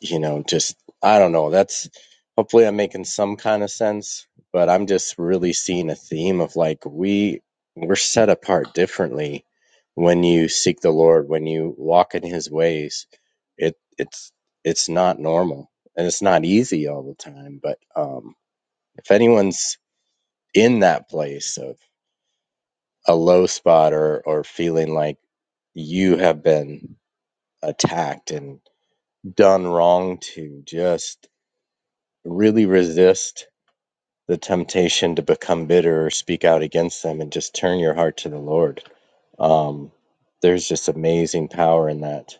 you know, just I don't know. That's hopefully I'm making some kind of sense, but I'm just really seeing a theme of like we we're set apart differently when you seek the Lord, when you walk in his ways. It it's it's not normal and it's not easy all the time, but um if anyone's in that place of a low spot or or feeling like you have been attacked and done wrong to just really resist the temptation to become bitter or speak out against them and just turn your heart to the Lord. Um, there's just amazing power in that.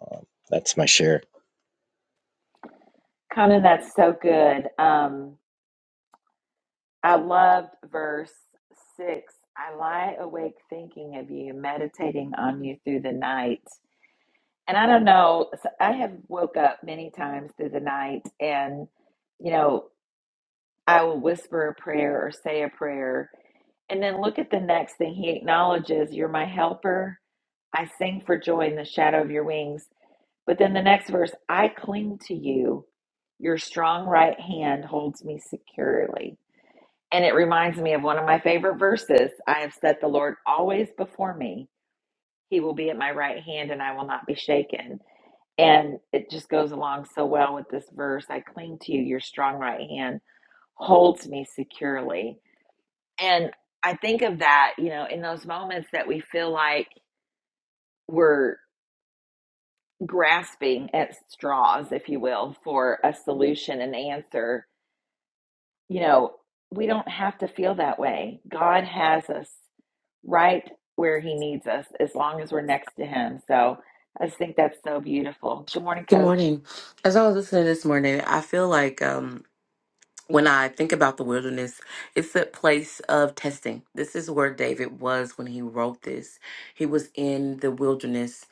Um, that's my share.
Conan. That's so good. Um, I loved verse six. I lie awake thinking of you, meditating on you through the night. And I don't know. so I have woke up many times through the night, and you know I will whisper a prayer or say a prayer. And then look at the next thing. He acknowledges, You're my helper. I sing for joy in the shadow of your wings. But then the next verse, I cling to you. Your strong right hand holds me securely. And it reminds me of one of my favorite verses I have set the Lord always before me. He will be at my right hand, and I will not be shaken. And it just goes along so well with this verse I cling to you. Your strong right hand holds me securely. And I think of that, you know, in those moments that we feel like we're grasping at straws, if you will, for a solution, an answer, you know, we don't have to feel that way. God has us right where He needs us as long as we're next to Him. So I just think that's so beautiful. Good morning,
Good
Coach.
morning. As I was listening this morning, I feel like um, when I think about the wilderness, it's a place of testing. This is where David was when he wrote this. He was in the wilderness.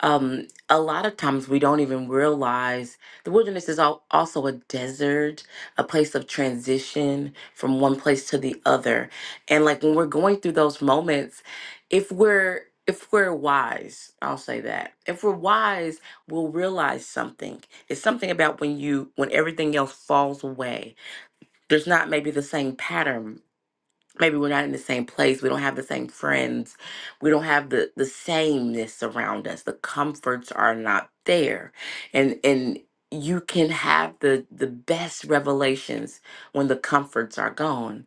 Um, a lot of times we don't even realize the wilderness is al- also a desert, a place of transition from one place to the other. And like when we're going through those moments, if we're if we're wise, I'll say that. If we're wise, we'll realize something. It's something about when you when everything else falls away there's not maybe the same pattern. Maybe we're not in the same place. We don't have the same friends. We don't have the the sameness around us. The comforts are not there. And and you can have the the best revelations when the comforts are gone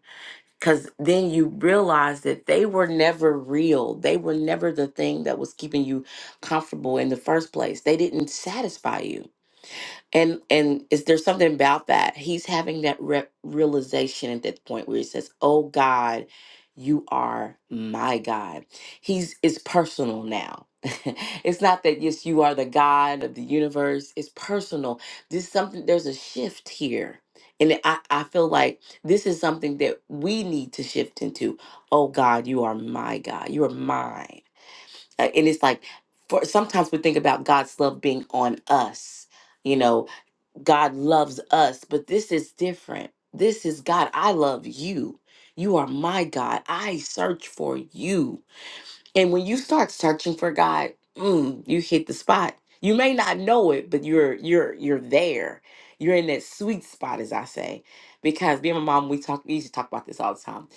cuz then you realize that they were never real. They were never the thing that was keeping you comfortable in the first place. They didn't satisfy you and and is there something about that? He's having that re- realization at that point where he says, "Oh God, you are my God." He's it's personal now. it's not that yes, you are the God of the universe. It's personal. This is something. There's a shift here, and I I feel like this is something that we need to shift into. Oh God, you are my God. You are mine. Uh, And it's like, for sometimes we think about God's love being on us. You know, God loves us, but this is different. This is God, I love you. You are my God. I search for you. And when you start searching for God, mm, you hit the spot. You may not know it, but you're you're you're there. You're in that sweet spot, as I say. Because me and my mom, we talk we used to talk about this all the time.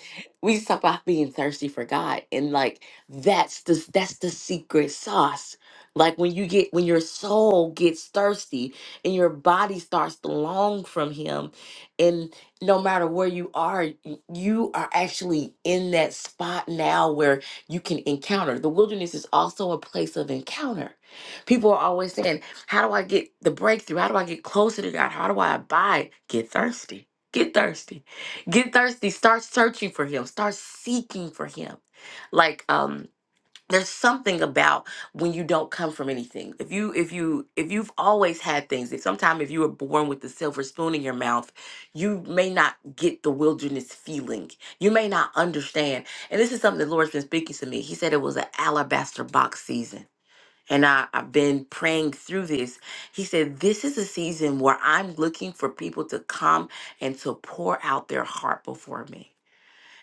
We used to talk about being thirsty for God. And like that's the that's the secret sauce. Like when you get when your soul gets thirsty and your body starts to long from him. And no matter where you are, y- you are actually in that spot now you can encounter. The wilderness is also a place of encounter. People are always saying, How do I get the breakthrough? How do I get closer to God? How do I abide? Get thirsty. Get thirsty. Get thirsty. Start searching for Him. Start seeking for Him. Like, um, there's something about when you don't come from anything if you if you if you've always had things if sometime if you were born with the silver spoon in your mouth you may not get the wilderness feeling you may not understand and this is something the lord's been speaking to me he said it was an alabaster box season and I, I've been praying through this. He said, This is a season where I'm looking for people to come and to pour out their heart before me.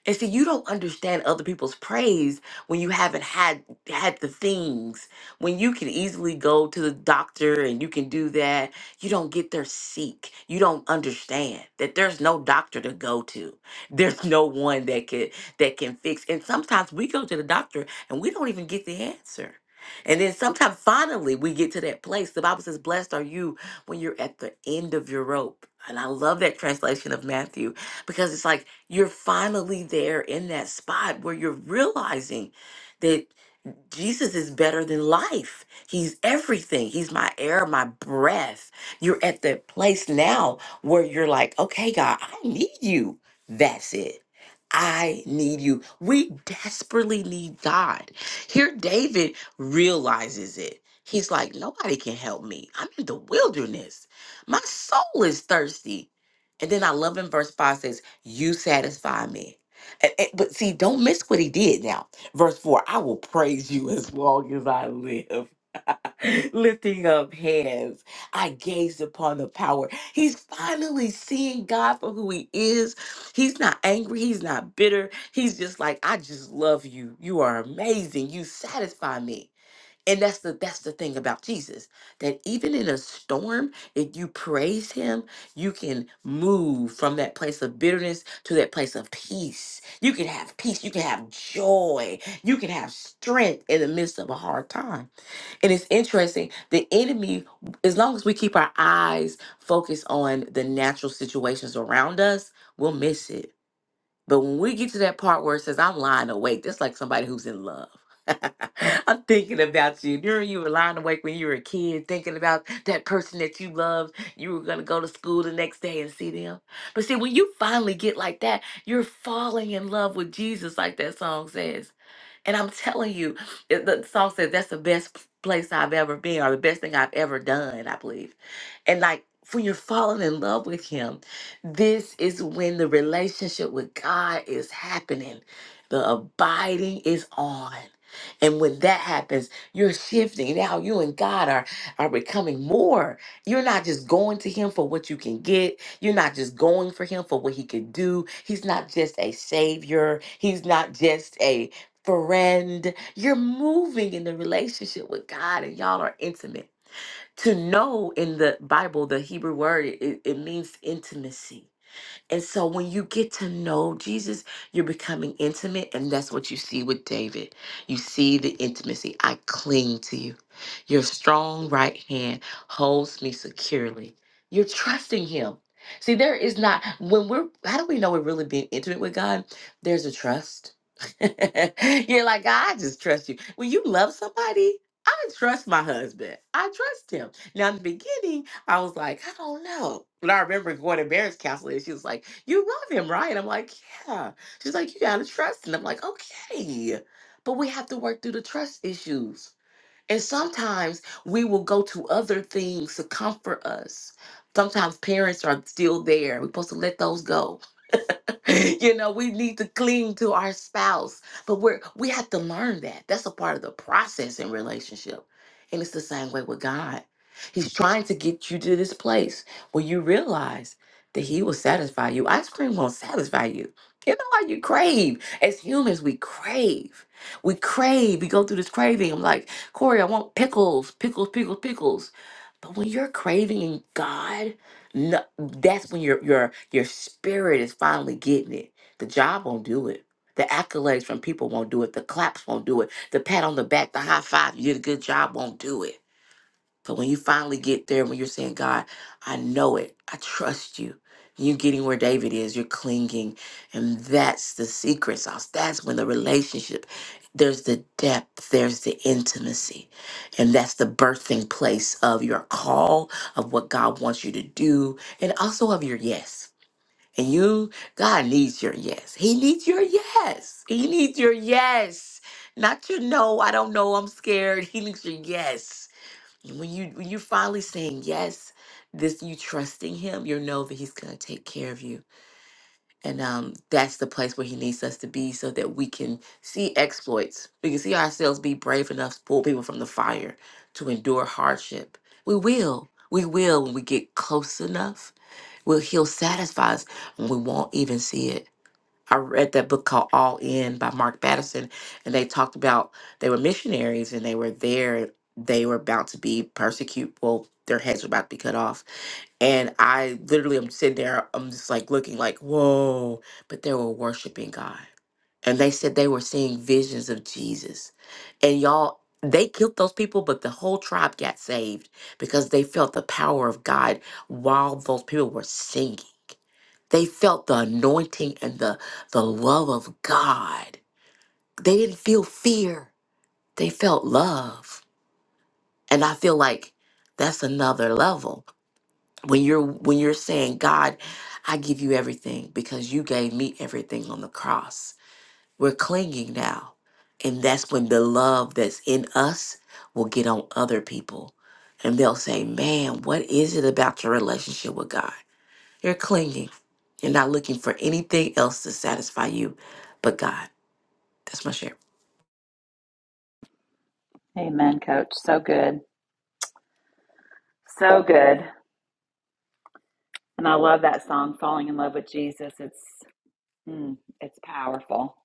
And see, you don't understand other people's praise when you haven't had had the things. When you can easily go to the doctor and you can do that, you don't get there sick. You don't understand that there's no doctor to go to. There's no one that can that can fix. And sometimes we go to the doctor and we don't even get the answer. And then sometimes finally we get to that place. The Bible says, Blessed are you when you're at the end of your rope. And I love that translation of Matthew because it's like you're finally there in that spot where you're realizing that Jesus is better than life. He's everything. He's my air, my breath. You're at that place now where you're like, okay, God, I need you. That's it. I need you. We desperately need God. Here, David realizes it. He's like, nobody can help me. I'm in the wilderness. My soul is thirsty. And then I love in verse 5 says, You satisfy me. And- and- but see, don't miss what he did now. Verse 4 I will praise you as long as I live. Lifting up hands, I gazed upon the power. He's finally seeing God for who He is. He's not angry, He's not bitter. He's just like, I just love you. You are amazing. You satisfy me. And that's the that's the thing about Jesus that even in a storm, if you praise him, you can move from that place of bitterness to that place of peace. You can have peace, you can have joy, you can have strength in the midst of a hard time. And it's interesting, the enemy as long as we keep our eyes focused on the natural situations around us, we'll miss it but when we get to that part where it says, I'm lying awake, that's like somebody who's in love. I'm thinking about you. During you were lying awake when you were a kid, thinking about that person that you loved. You were going to go to school the next day and see them. But see, when you finally get like that, you're falling in love with Jesus, like that song says. And I'm telling you, it- the song says that's the best p- place I've ever been or the best thing I've ever done, I believe. And like when you're falling in love with him, this is when the relationship with God is happening. The abiding is on. And when that happens, you're shifting. Now you and God are, are becoming more. You're not just going to him for what you can get. You're not just going for him for what he can do. He's not just a savior. He's not just a friend. You're moving in the relationship with God and y'all are intimate. To know in the Bible, the Hebrew word, it, it means intimacy. And so when you get to know Jesus, you're becoming intimate. And that's what you see with David. You see the intimacy. I cling to you. Your strong right hand holds me securely. You're trusting him. See, there is not, when we're, how do we know we're really being intimate with God? There's a trust. you're like, God, I just trust you. When you love somebody, I trust my husband. I trust him. Now, in the beginning, I was like, I don't know. But I remember going to marriage counseling and she was like, You love him, right? I'm like, Yeah. She's like, You gotta trust. And I'm like, Okay. But we have to work through the trust issues. And sometimes we will go to other things to comfort us. Sometimes parents are still there. We're supposed to let those go you know, we need to cling to our spouse, but we're we have to learn that. That's a part of the process in relationship. And it's the same way with God. He's trying to get you to this place where you realize that he will satisfy you. Ice cream won't satisfy you. You know how you crave. As humans, we crave. We crave. We go through this craving. I'm like, Corey, I want pickles, pickles, pickles, pickles. But when you're craving God, no, that's when your your your spirit is finally getting it. The job won't do it. The accolades from people won't do it. The claps won't do it. The pat on the back, the high five, you did a good job won't do it. But when you finally get there, when you're saying, God, I know it, I trust you, you're getting where David is, you're clinging. And that's the secret sauce. That's when the relationship, there's the depth, there's the intimacy. And that's the birthing place of your call, of what God wants you to do, and also of your yes. And you, God needs your yes. He needs your yes. He needs your yes. Not your no, I don't know, I'm scared. He needs your yes when you when you finally saying yes this you trusting him you know that he's going to take care of you and um that's the place where he needs us to be so that we can see exploits we can see ourselves be brave enough to pull people from the fire to endure hardship we will we will when we get close enough well he'll satisfy us and we won't even see it I read that book called All In by Mark Batterson, and they talked about they were missionaries and they were there. They were about to be persecuted. Well, their heads were about to be cut off. And I literally am sitting there, I'm just like looking like, whoa. But they were worshiping God. And they said they were seeing visions of Jesus. And y'all, they killed those people, but the whole tribe got saved because they felt the power of God while those people were singing. They felt the anointing and the, the love of God. They didn't feel fear, they felt love. And I feel like that's another level. When you're when you're saying, God, I give you everything because you gave me everything on the cross. We're clinging now. And that's when the love that's in us will get on other people. And they'll say, Man, what is it about your relationship with God? You're clinging. You're not looking for anything else to satisfy you but God. That's my share.
Amen, coach. So good. So good. And I love that song, Falling in Love with Jesus. It's mm, it's powerful.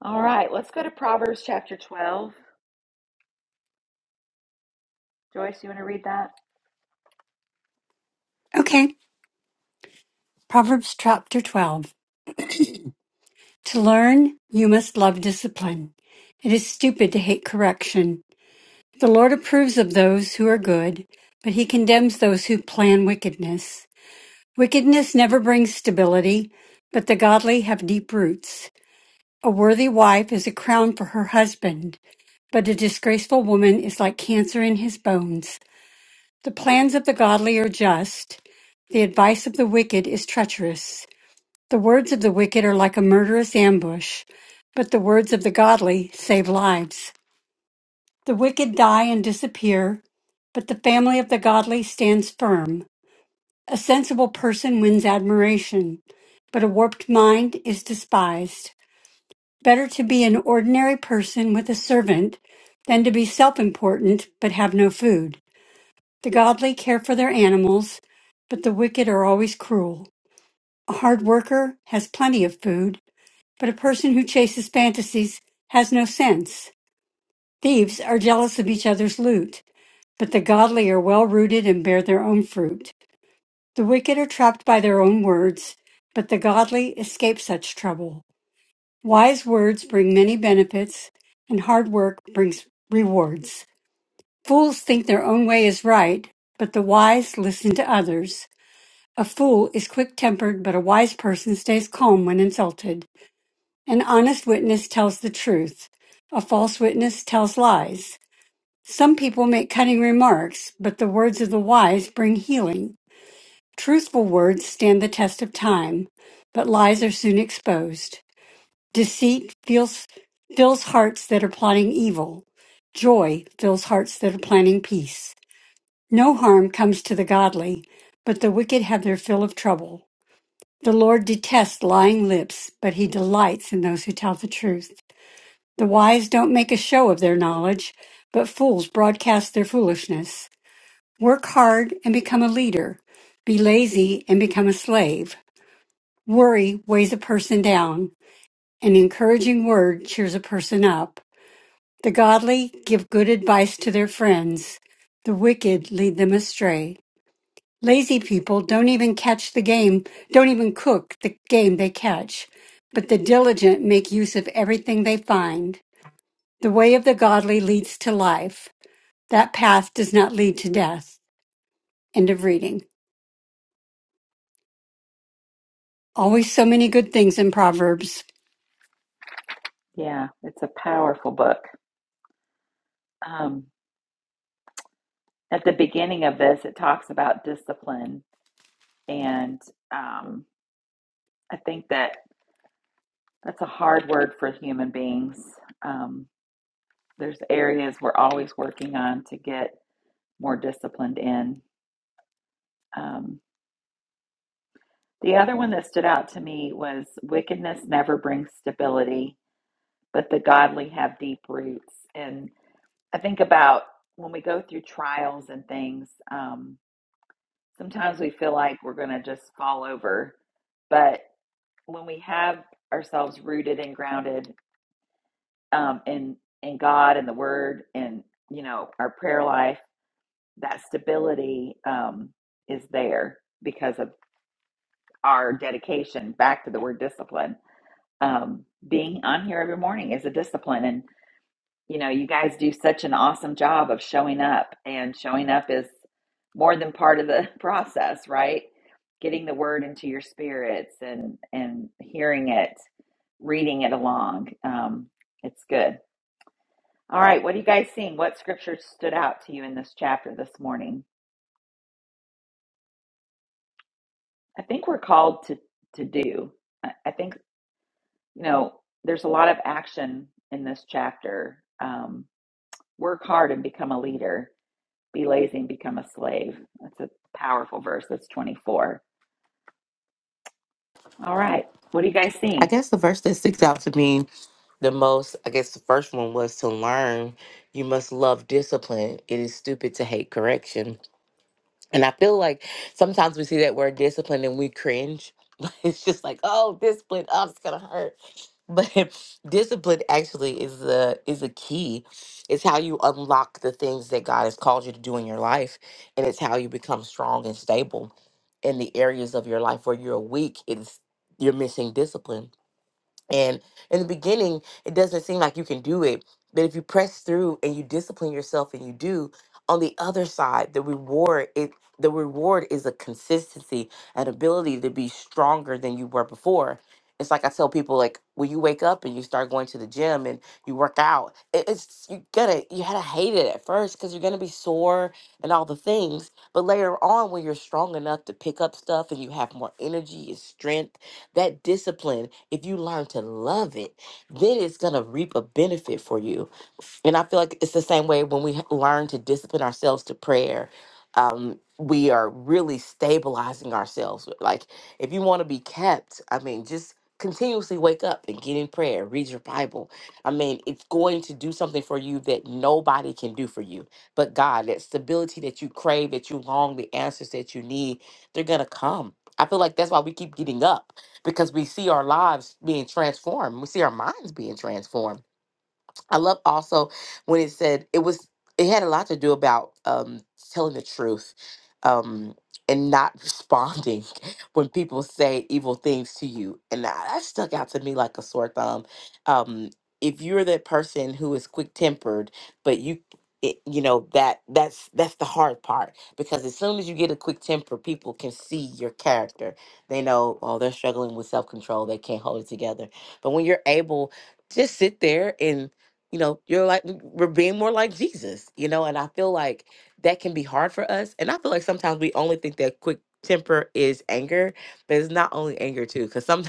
All right, let's go to Proverbs chapter 12. Joyce, you want to read that?
Okay. Proverbs chapter 12. To learn, you must love discipline. It is stupid to hate correction. The Lord approves of those who are good, but he condemns those who plan wickedness. Wickedness never brings stability, but the godly have deep roots. A worthy wife is a crown for her husband, but a disgraceful woman is like cancer in his bones. The plans of the godly are just, the advice of the wicked is treacherous. The words of the wicked are like a murderous ambush, but the words of the godly save lives. The wicked die and disappear, but the family of the godly stands firm. A sensible person wins admiration, but a warped mind is despised. Better to be an ordinary person with a servant than to be self important but have no food. The godly care for their animals, but the wicked are always cruel. A hard worker has plenty of food, but a person who chases fantasies has no sense. Thieves are jealous of each other's loot, but the godly are well rooted and bear their own fruit. The wicked are trapped by their own words, but the godly escape such trouble. Wise words bring many benefits, and hard work brings rewards. Fools think their own way is right, but the wise listen to others. A fool is quick tempered, but a wise person stays calm when insulted. An honest witness tells the truth. A false witness tells lies. Some people make cutting remarks, but the words of the wise bring healing. Truthful words stand the test of time, but lies are soon exposed. Deceit feels, fills hearts that are plotting evil. Joy fills hearts that are planning peace. No harm comes to the godly, but the wicked have their fill of trouble. The Lord detests lying lips, but he delights in those who tell the truth. The wise don't make a show of their knowledge, but fools broadcast their foolishness. Work hard and become a leader. Be lazy and become a slave. Worry weighs a person down. An encouraging word cheers a person up. The godly give good advice to their friends. The wicked lead them astray. Lazy people don't even catch the game, don't even cook the game they catch. But the diligent make use of everything they find. The way of the godly leads to life. That path does not lead to death. End of reading. Always so many good things in Proverbs.
Yeah, it's a powerful book. Um, at the beginning of this, it talks about discipline, and um, I think that that's a hard word for human beings. Um, there's areas we're always working on to get more disciplined in. Um, the other one that stood out to me was wickedness never brings stability, but the godly have deep roots. And I think about when we go through trials and things, um, sometimes we feel like we're going to just fall over. But when we have ourselves rooted and grounded um, in in God and the Word and you know our prayer life, that stability um, is there because of our dedication back to the word discipline. Um, being on here every morning is a discipline, and. you know, you guys do such an awesome job of showing up, and showing up is more than part of the process, right? Getting the word into your spirits and and hearing it, reading it along. Um, it's good. All right, what are you guys seeing? What scripture stood out to you in this chapter this morning? I think we're called to to do. I, I think you know there's a lot of action in this chapter. Um, work hard and become a leader Be lazy and become a slave. That's a powerful verse. That's 24. All right. What are you guys
I
seeing?
guess the verse that sticks out to me the most, I guess the first one was to learn you must love discipline. It is stupid to hate correction. And I feel like sometimes we see that word discipline and we cringe. Like, It's just like, oh, discipline, oh, it's gonna hurt. But discipline actually is a is a key. It's how you unlock the things that God has called you to do in your life, and it's how you become strong and stable in the areas of your life where you're weak. It's you're missing discipline and in the beginning, it doesn't seem like you can do it. But if you press through and you discipline yourself and you do, on the other side, the reward it the reward is a consistency, an ability to be stronger than you were before. It's like I tell people, like when you wake up and you start going to the gym and you work out, it, it's you gotta you gotta hate it at first because you're gonna be sore and all the things. But later on, when you're strong enough to pick up stuff and you have more energy and strength that discipline, if you learn to love it, then it's going to reap a benefit for you. And I feel like it's the same way when we h- learn to discipline ourselves to prayer. Um, we are really stabilizing ourselves. uh, Like, if you want to be kept, I mean, just continuously wake up and get in prayer, read your Bible. I mean, it's going to do something for you that nobody can do for you but God. That stability that you crave, that you long, the answers that you need, they're going to come. I feel like that's why we keep getting up because we see our lives being transformed. We see our minds being transformed I love also when it said it was it had a lot to do about um telling the truth um and not responding when people say evil things to you. And that that stuck out to me like a sore thumb. Um if you're that person who is quick tempered, but you it, you know that that's that's the hard part because as soon as you get a quick temper, people can see your character. They know oh they're struggling with self control, they can't hold it together. But when you're able just sit there you know, you're like, we're being more like Jesus, you know, and I feel like that can be hard for us. And I feel like sometimes we only think that quick temper is anger, but it's not only anger, too, because sometimes.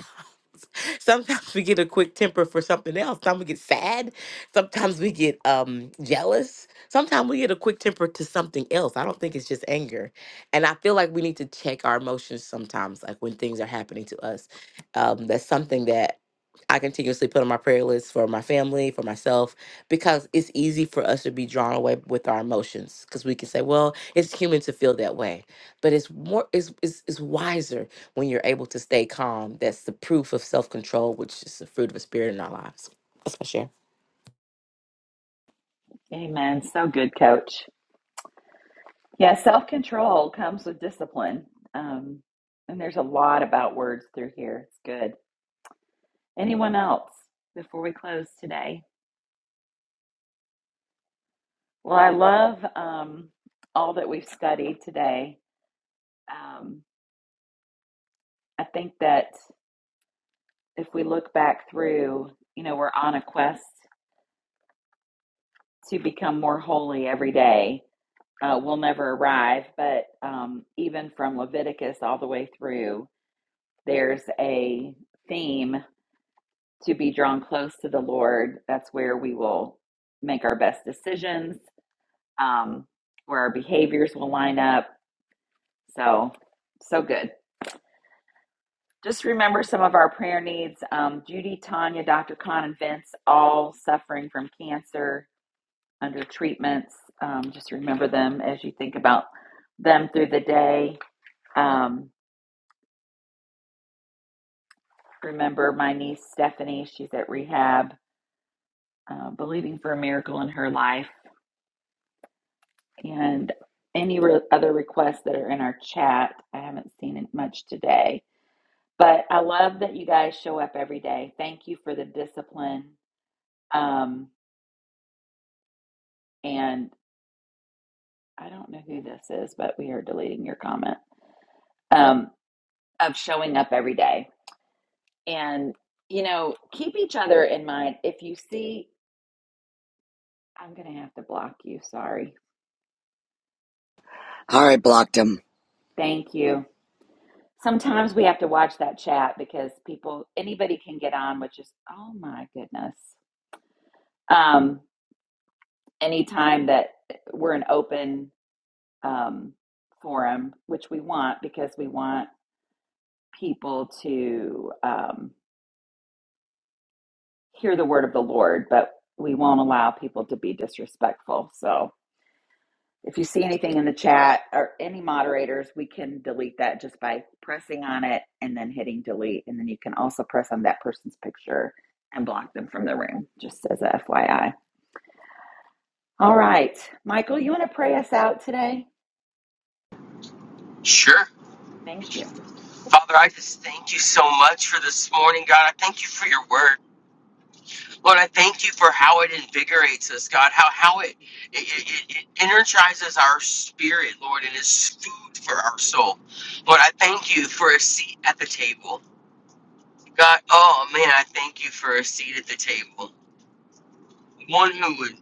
Sometimes we get a quick temper for something else. Sometimes we get sad. Sometimes we get um jealous. Sometimes we get a quick temper to something else. I don't think it's just anger. And I feel like we need to check our emotions sometimes, like when things are happening to us. Um, that's something that I continuously put on my prayer list for my family, for myself, because it's easy for us to be drawn away with our emotions. Because we can say, well, it's human to feel that way. But it's more it's it's, it's wiser when you're able to stay calm, that's the proof of self control, which is the fruit of the spirit in our lives. That's my share.
Amen. So good, coach. Yeah, self control comes with discipline. Um, and there's a lot about words through here. It's good. Anyone else before we close today? Well, I love um, all that we've studied today. Um, I think that if we look back through, you know, we're on a quest to become more holy every day. uh, will never arrive, but um, even from Leviticus all the way through, there's a theme to be drawn close to the Lord. That's where we will make our best decisions, um, where our behaviors will line up. So, so good. Just remember some of our prayer needs. Um, Judy, Tanya, Dr. Con, and Vince, all suffering from cancer under treatments. Um, just remember them as you think about them through the day. Um, remember my niece Stephanie. She's at rehab, uh, believing for a miracle in her life. And any re- other requests that are in our chat, I haven't seen it much today. But I love that you guys show up every day. Thank you for the discipline. Um, and I don't know who this is, but we are deleting your comment um, of showing up every day. And, you know, keep each other in mind. If you see, I'm going to have to block you. Sorry.
Harry blocked him.
Thank you. Sometimes we have to watch that chat because people, anybody can get on, which is, oh my goodness. Um, anytime that we're an open um, forum, which we want because we want people to um, hear the word of the Lord, but we won't allow people to be disrespectful. So, If you see anything in the chat or any moderators, we can delete that just by pressing on it and then hitting delete. And then you can also press on that person's picture and block them from the room, just as a FYI. All right. Michael, you want to pray us out today?
Sure.
Thank you.
Father, I just thank you so much for this morning, God. I thank you for your word. Lord, I thank you for how it invigorates us, God, how, how it, it, it, it energizes our spirit, Lord, and is food for our soul. Lord, I thank you for a seat at the table. God, oh man, I thank you for a seat at the table. One who would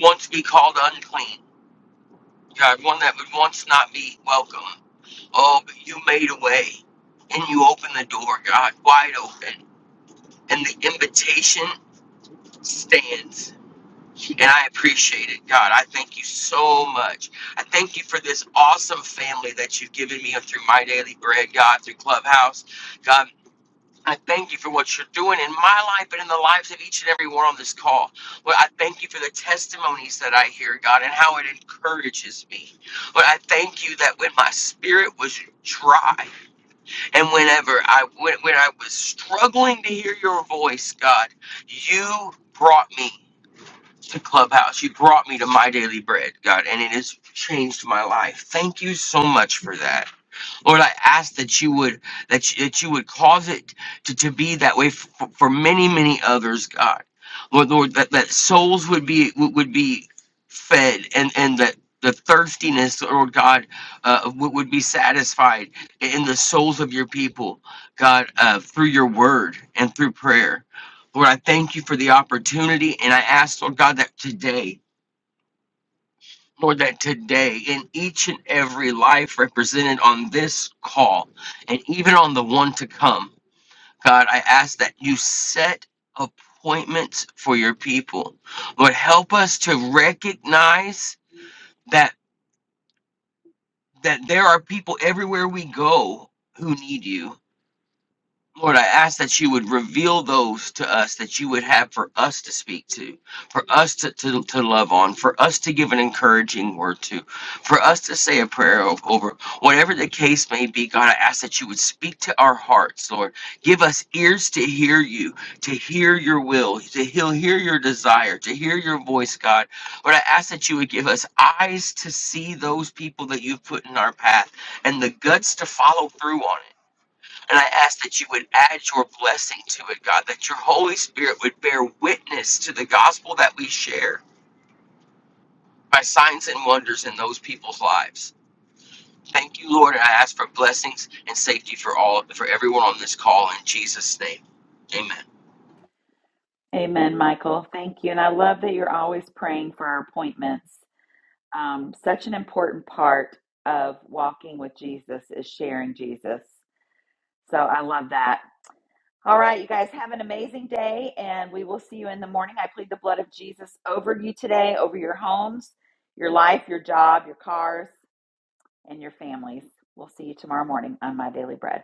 once be called unclean, God, one that would once not be welcome. Oh, but you made a way and you opened the door, God, wide open, and the invitation stands. and I appreciate it. God, I thank you so much. I thank you for this awesome family that you've given me through My Daily Bread, God, through Clubhouse. God, I thank you for what you're doing in my life and in the lives of each and every one on this call. Lord, I thank you for the testimonies that I hear, God, and how it encourages me. But I thank you that when my spirit was dry and whenever I when, when I was struggling to hear your voice, God, you brought me to Clubhouse. You brought me to My Daily Bread, God, and it has changed my life. Thank you so much for that. Lord, I ask that you would that you, that you would cause it to, to be that way for, for many many others, God. Lord, Lord, that, that souls would be would would be fed and and that the thirstiness, Lord God, uh, would would be satisfied in the souls of your people, God, uh, through your word and through prayer. Lord, I thank you for the opportunity, and I ask, Lord God, that today Lord, that today in each and every life represented on this call and even on the one to come, God, I ask that you set appointments for your people. Lord, help us to recognize that that there are people everywhere we go who need you Lord, I ask that you would reveal those to us that you would have for us to speak to, for us to, to, to love on, for us to give an encouraging word to, for us to say a prayer o- over. Whatever the case may be, God, I ask that you would speak to our hearts, Lord. Give us ears to hear you, to hear your will, to hear, hear your desire, to hear your voice, God. Lord, I ask that you would give us eyes to see those people that you've put in our path and the guts to follow through on it. And I ask that you would add your blessing to it, God, that your Holy Spirit would bear witness to the gospel that we share by signs and wonders in those people's lives. Thank you, Lord, and I ask for blessings and safety for all for everyone on this call in Jesus' name. Amen.
Amen, Michael. Thank you. And I love that you're always praying for our appointments. Um, such an important part of walking with Jesus is sharing Jesus. So I love that. All right, you guys have an amazing day, and we will see you in the morning. I plead the blood of Jesus over you today, over your homes, your life, your job, your cars, and your families. We'll see you tomorrow morning on My Daily Bread.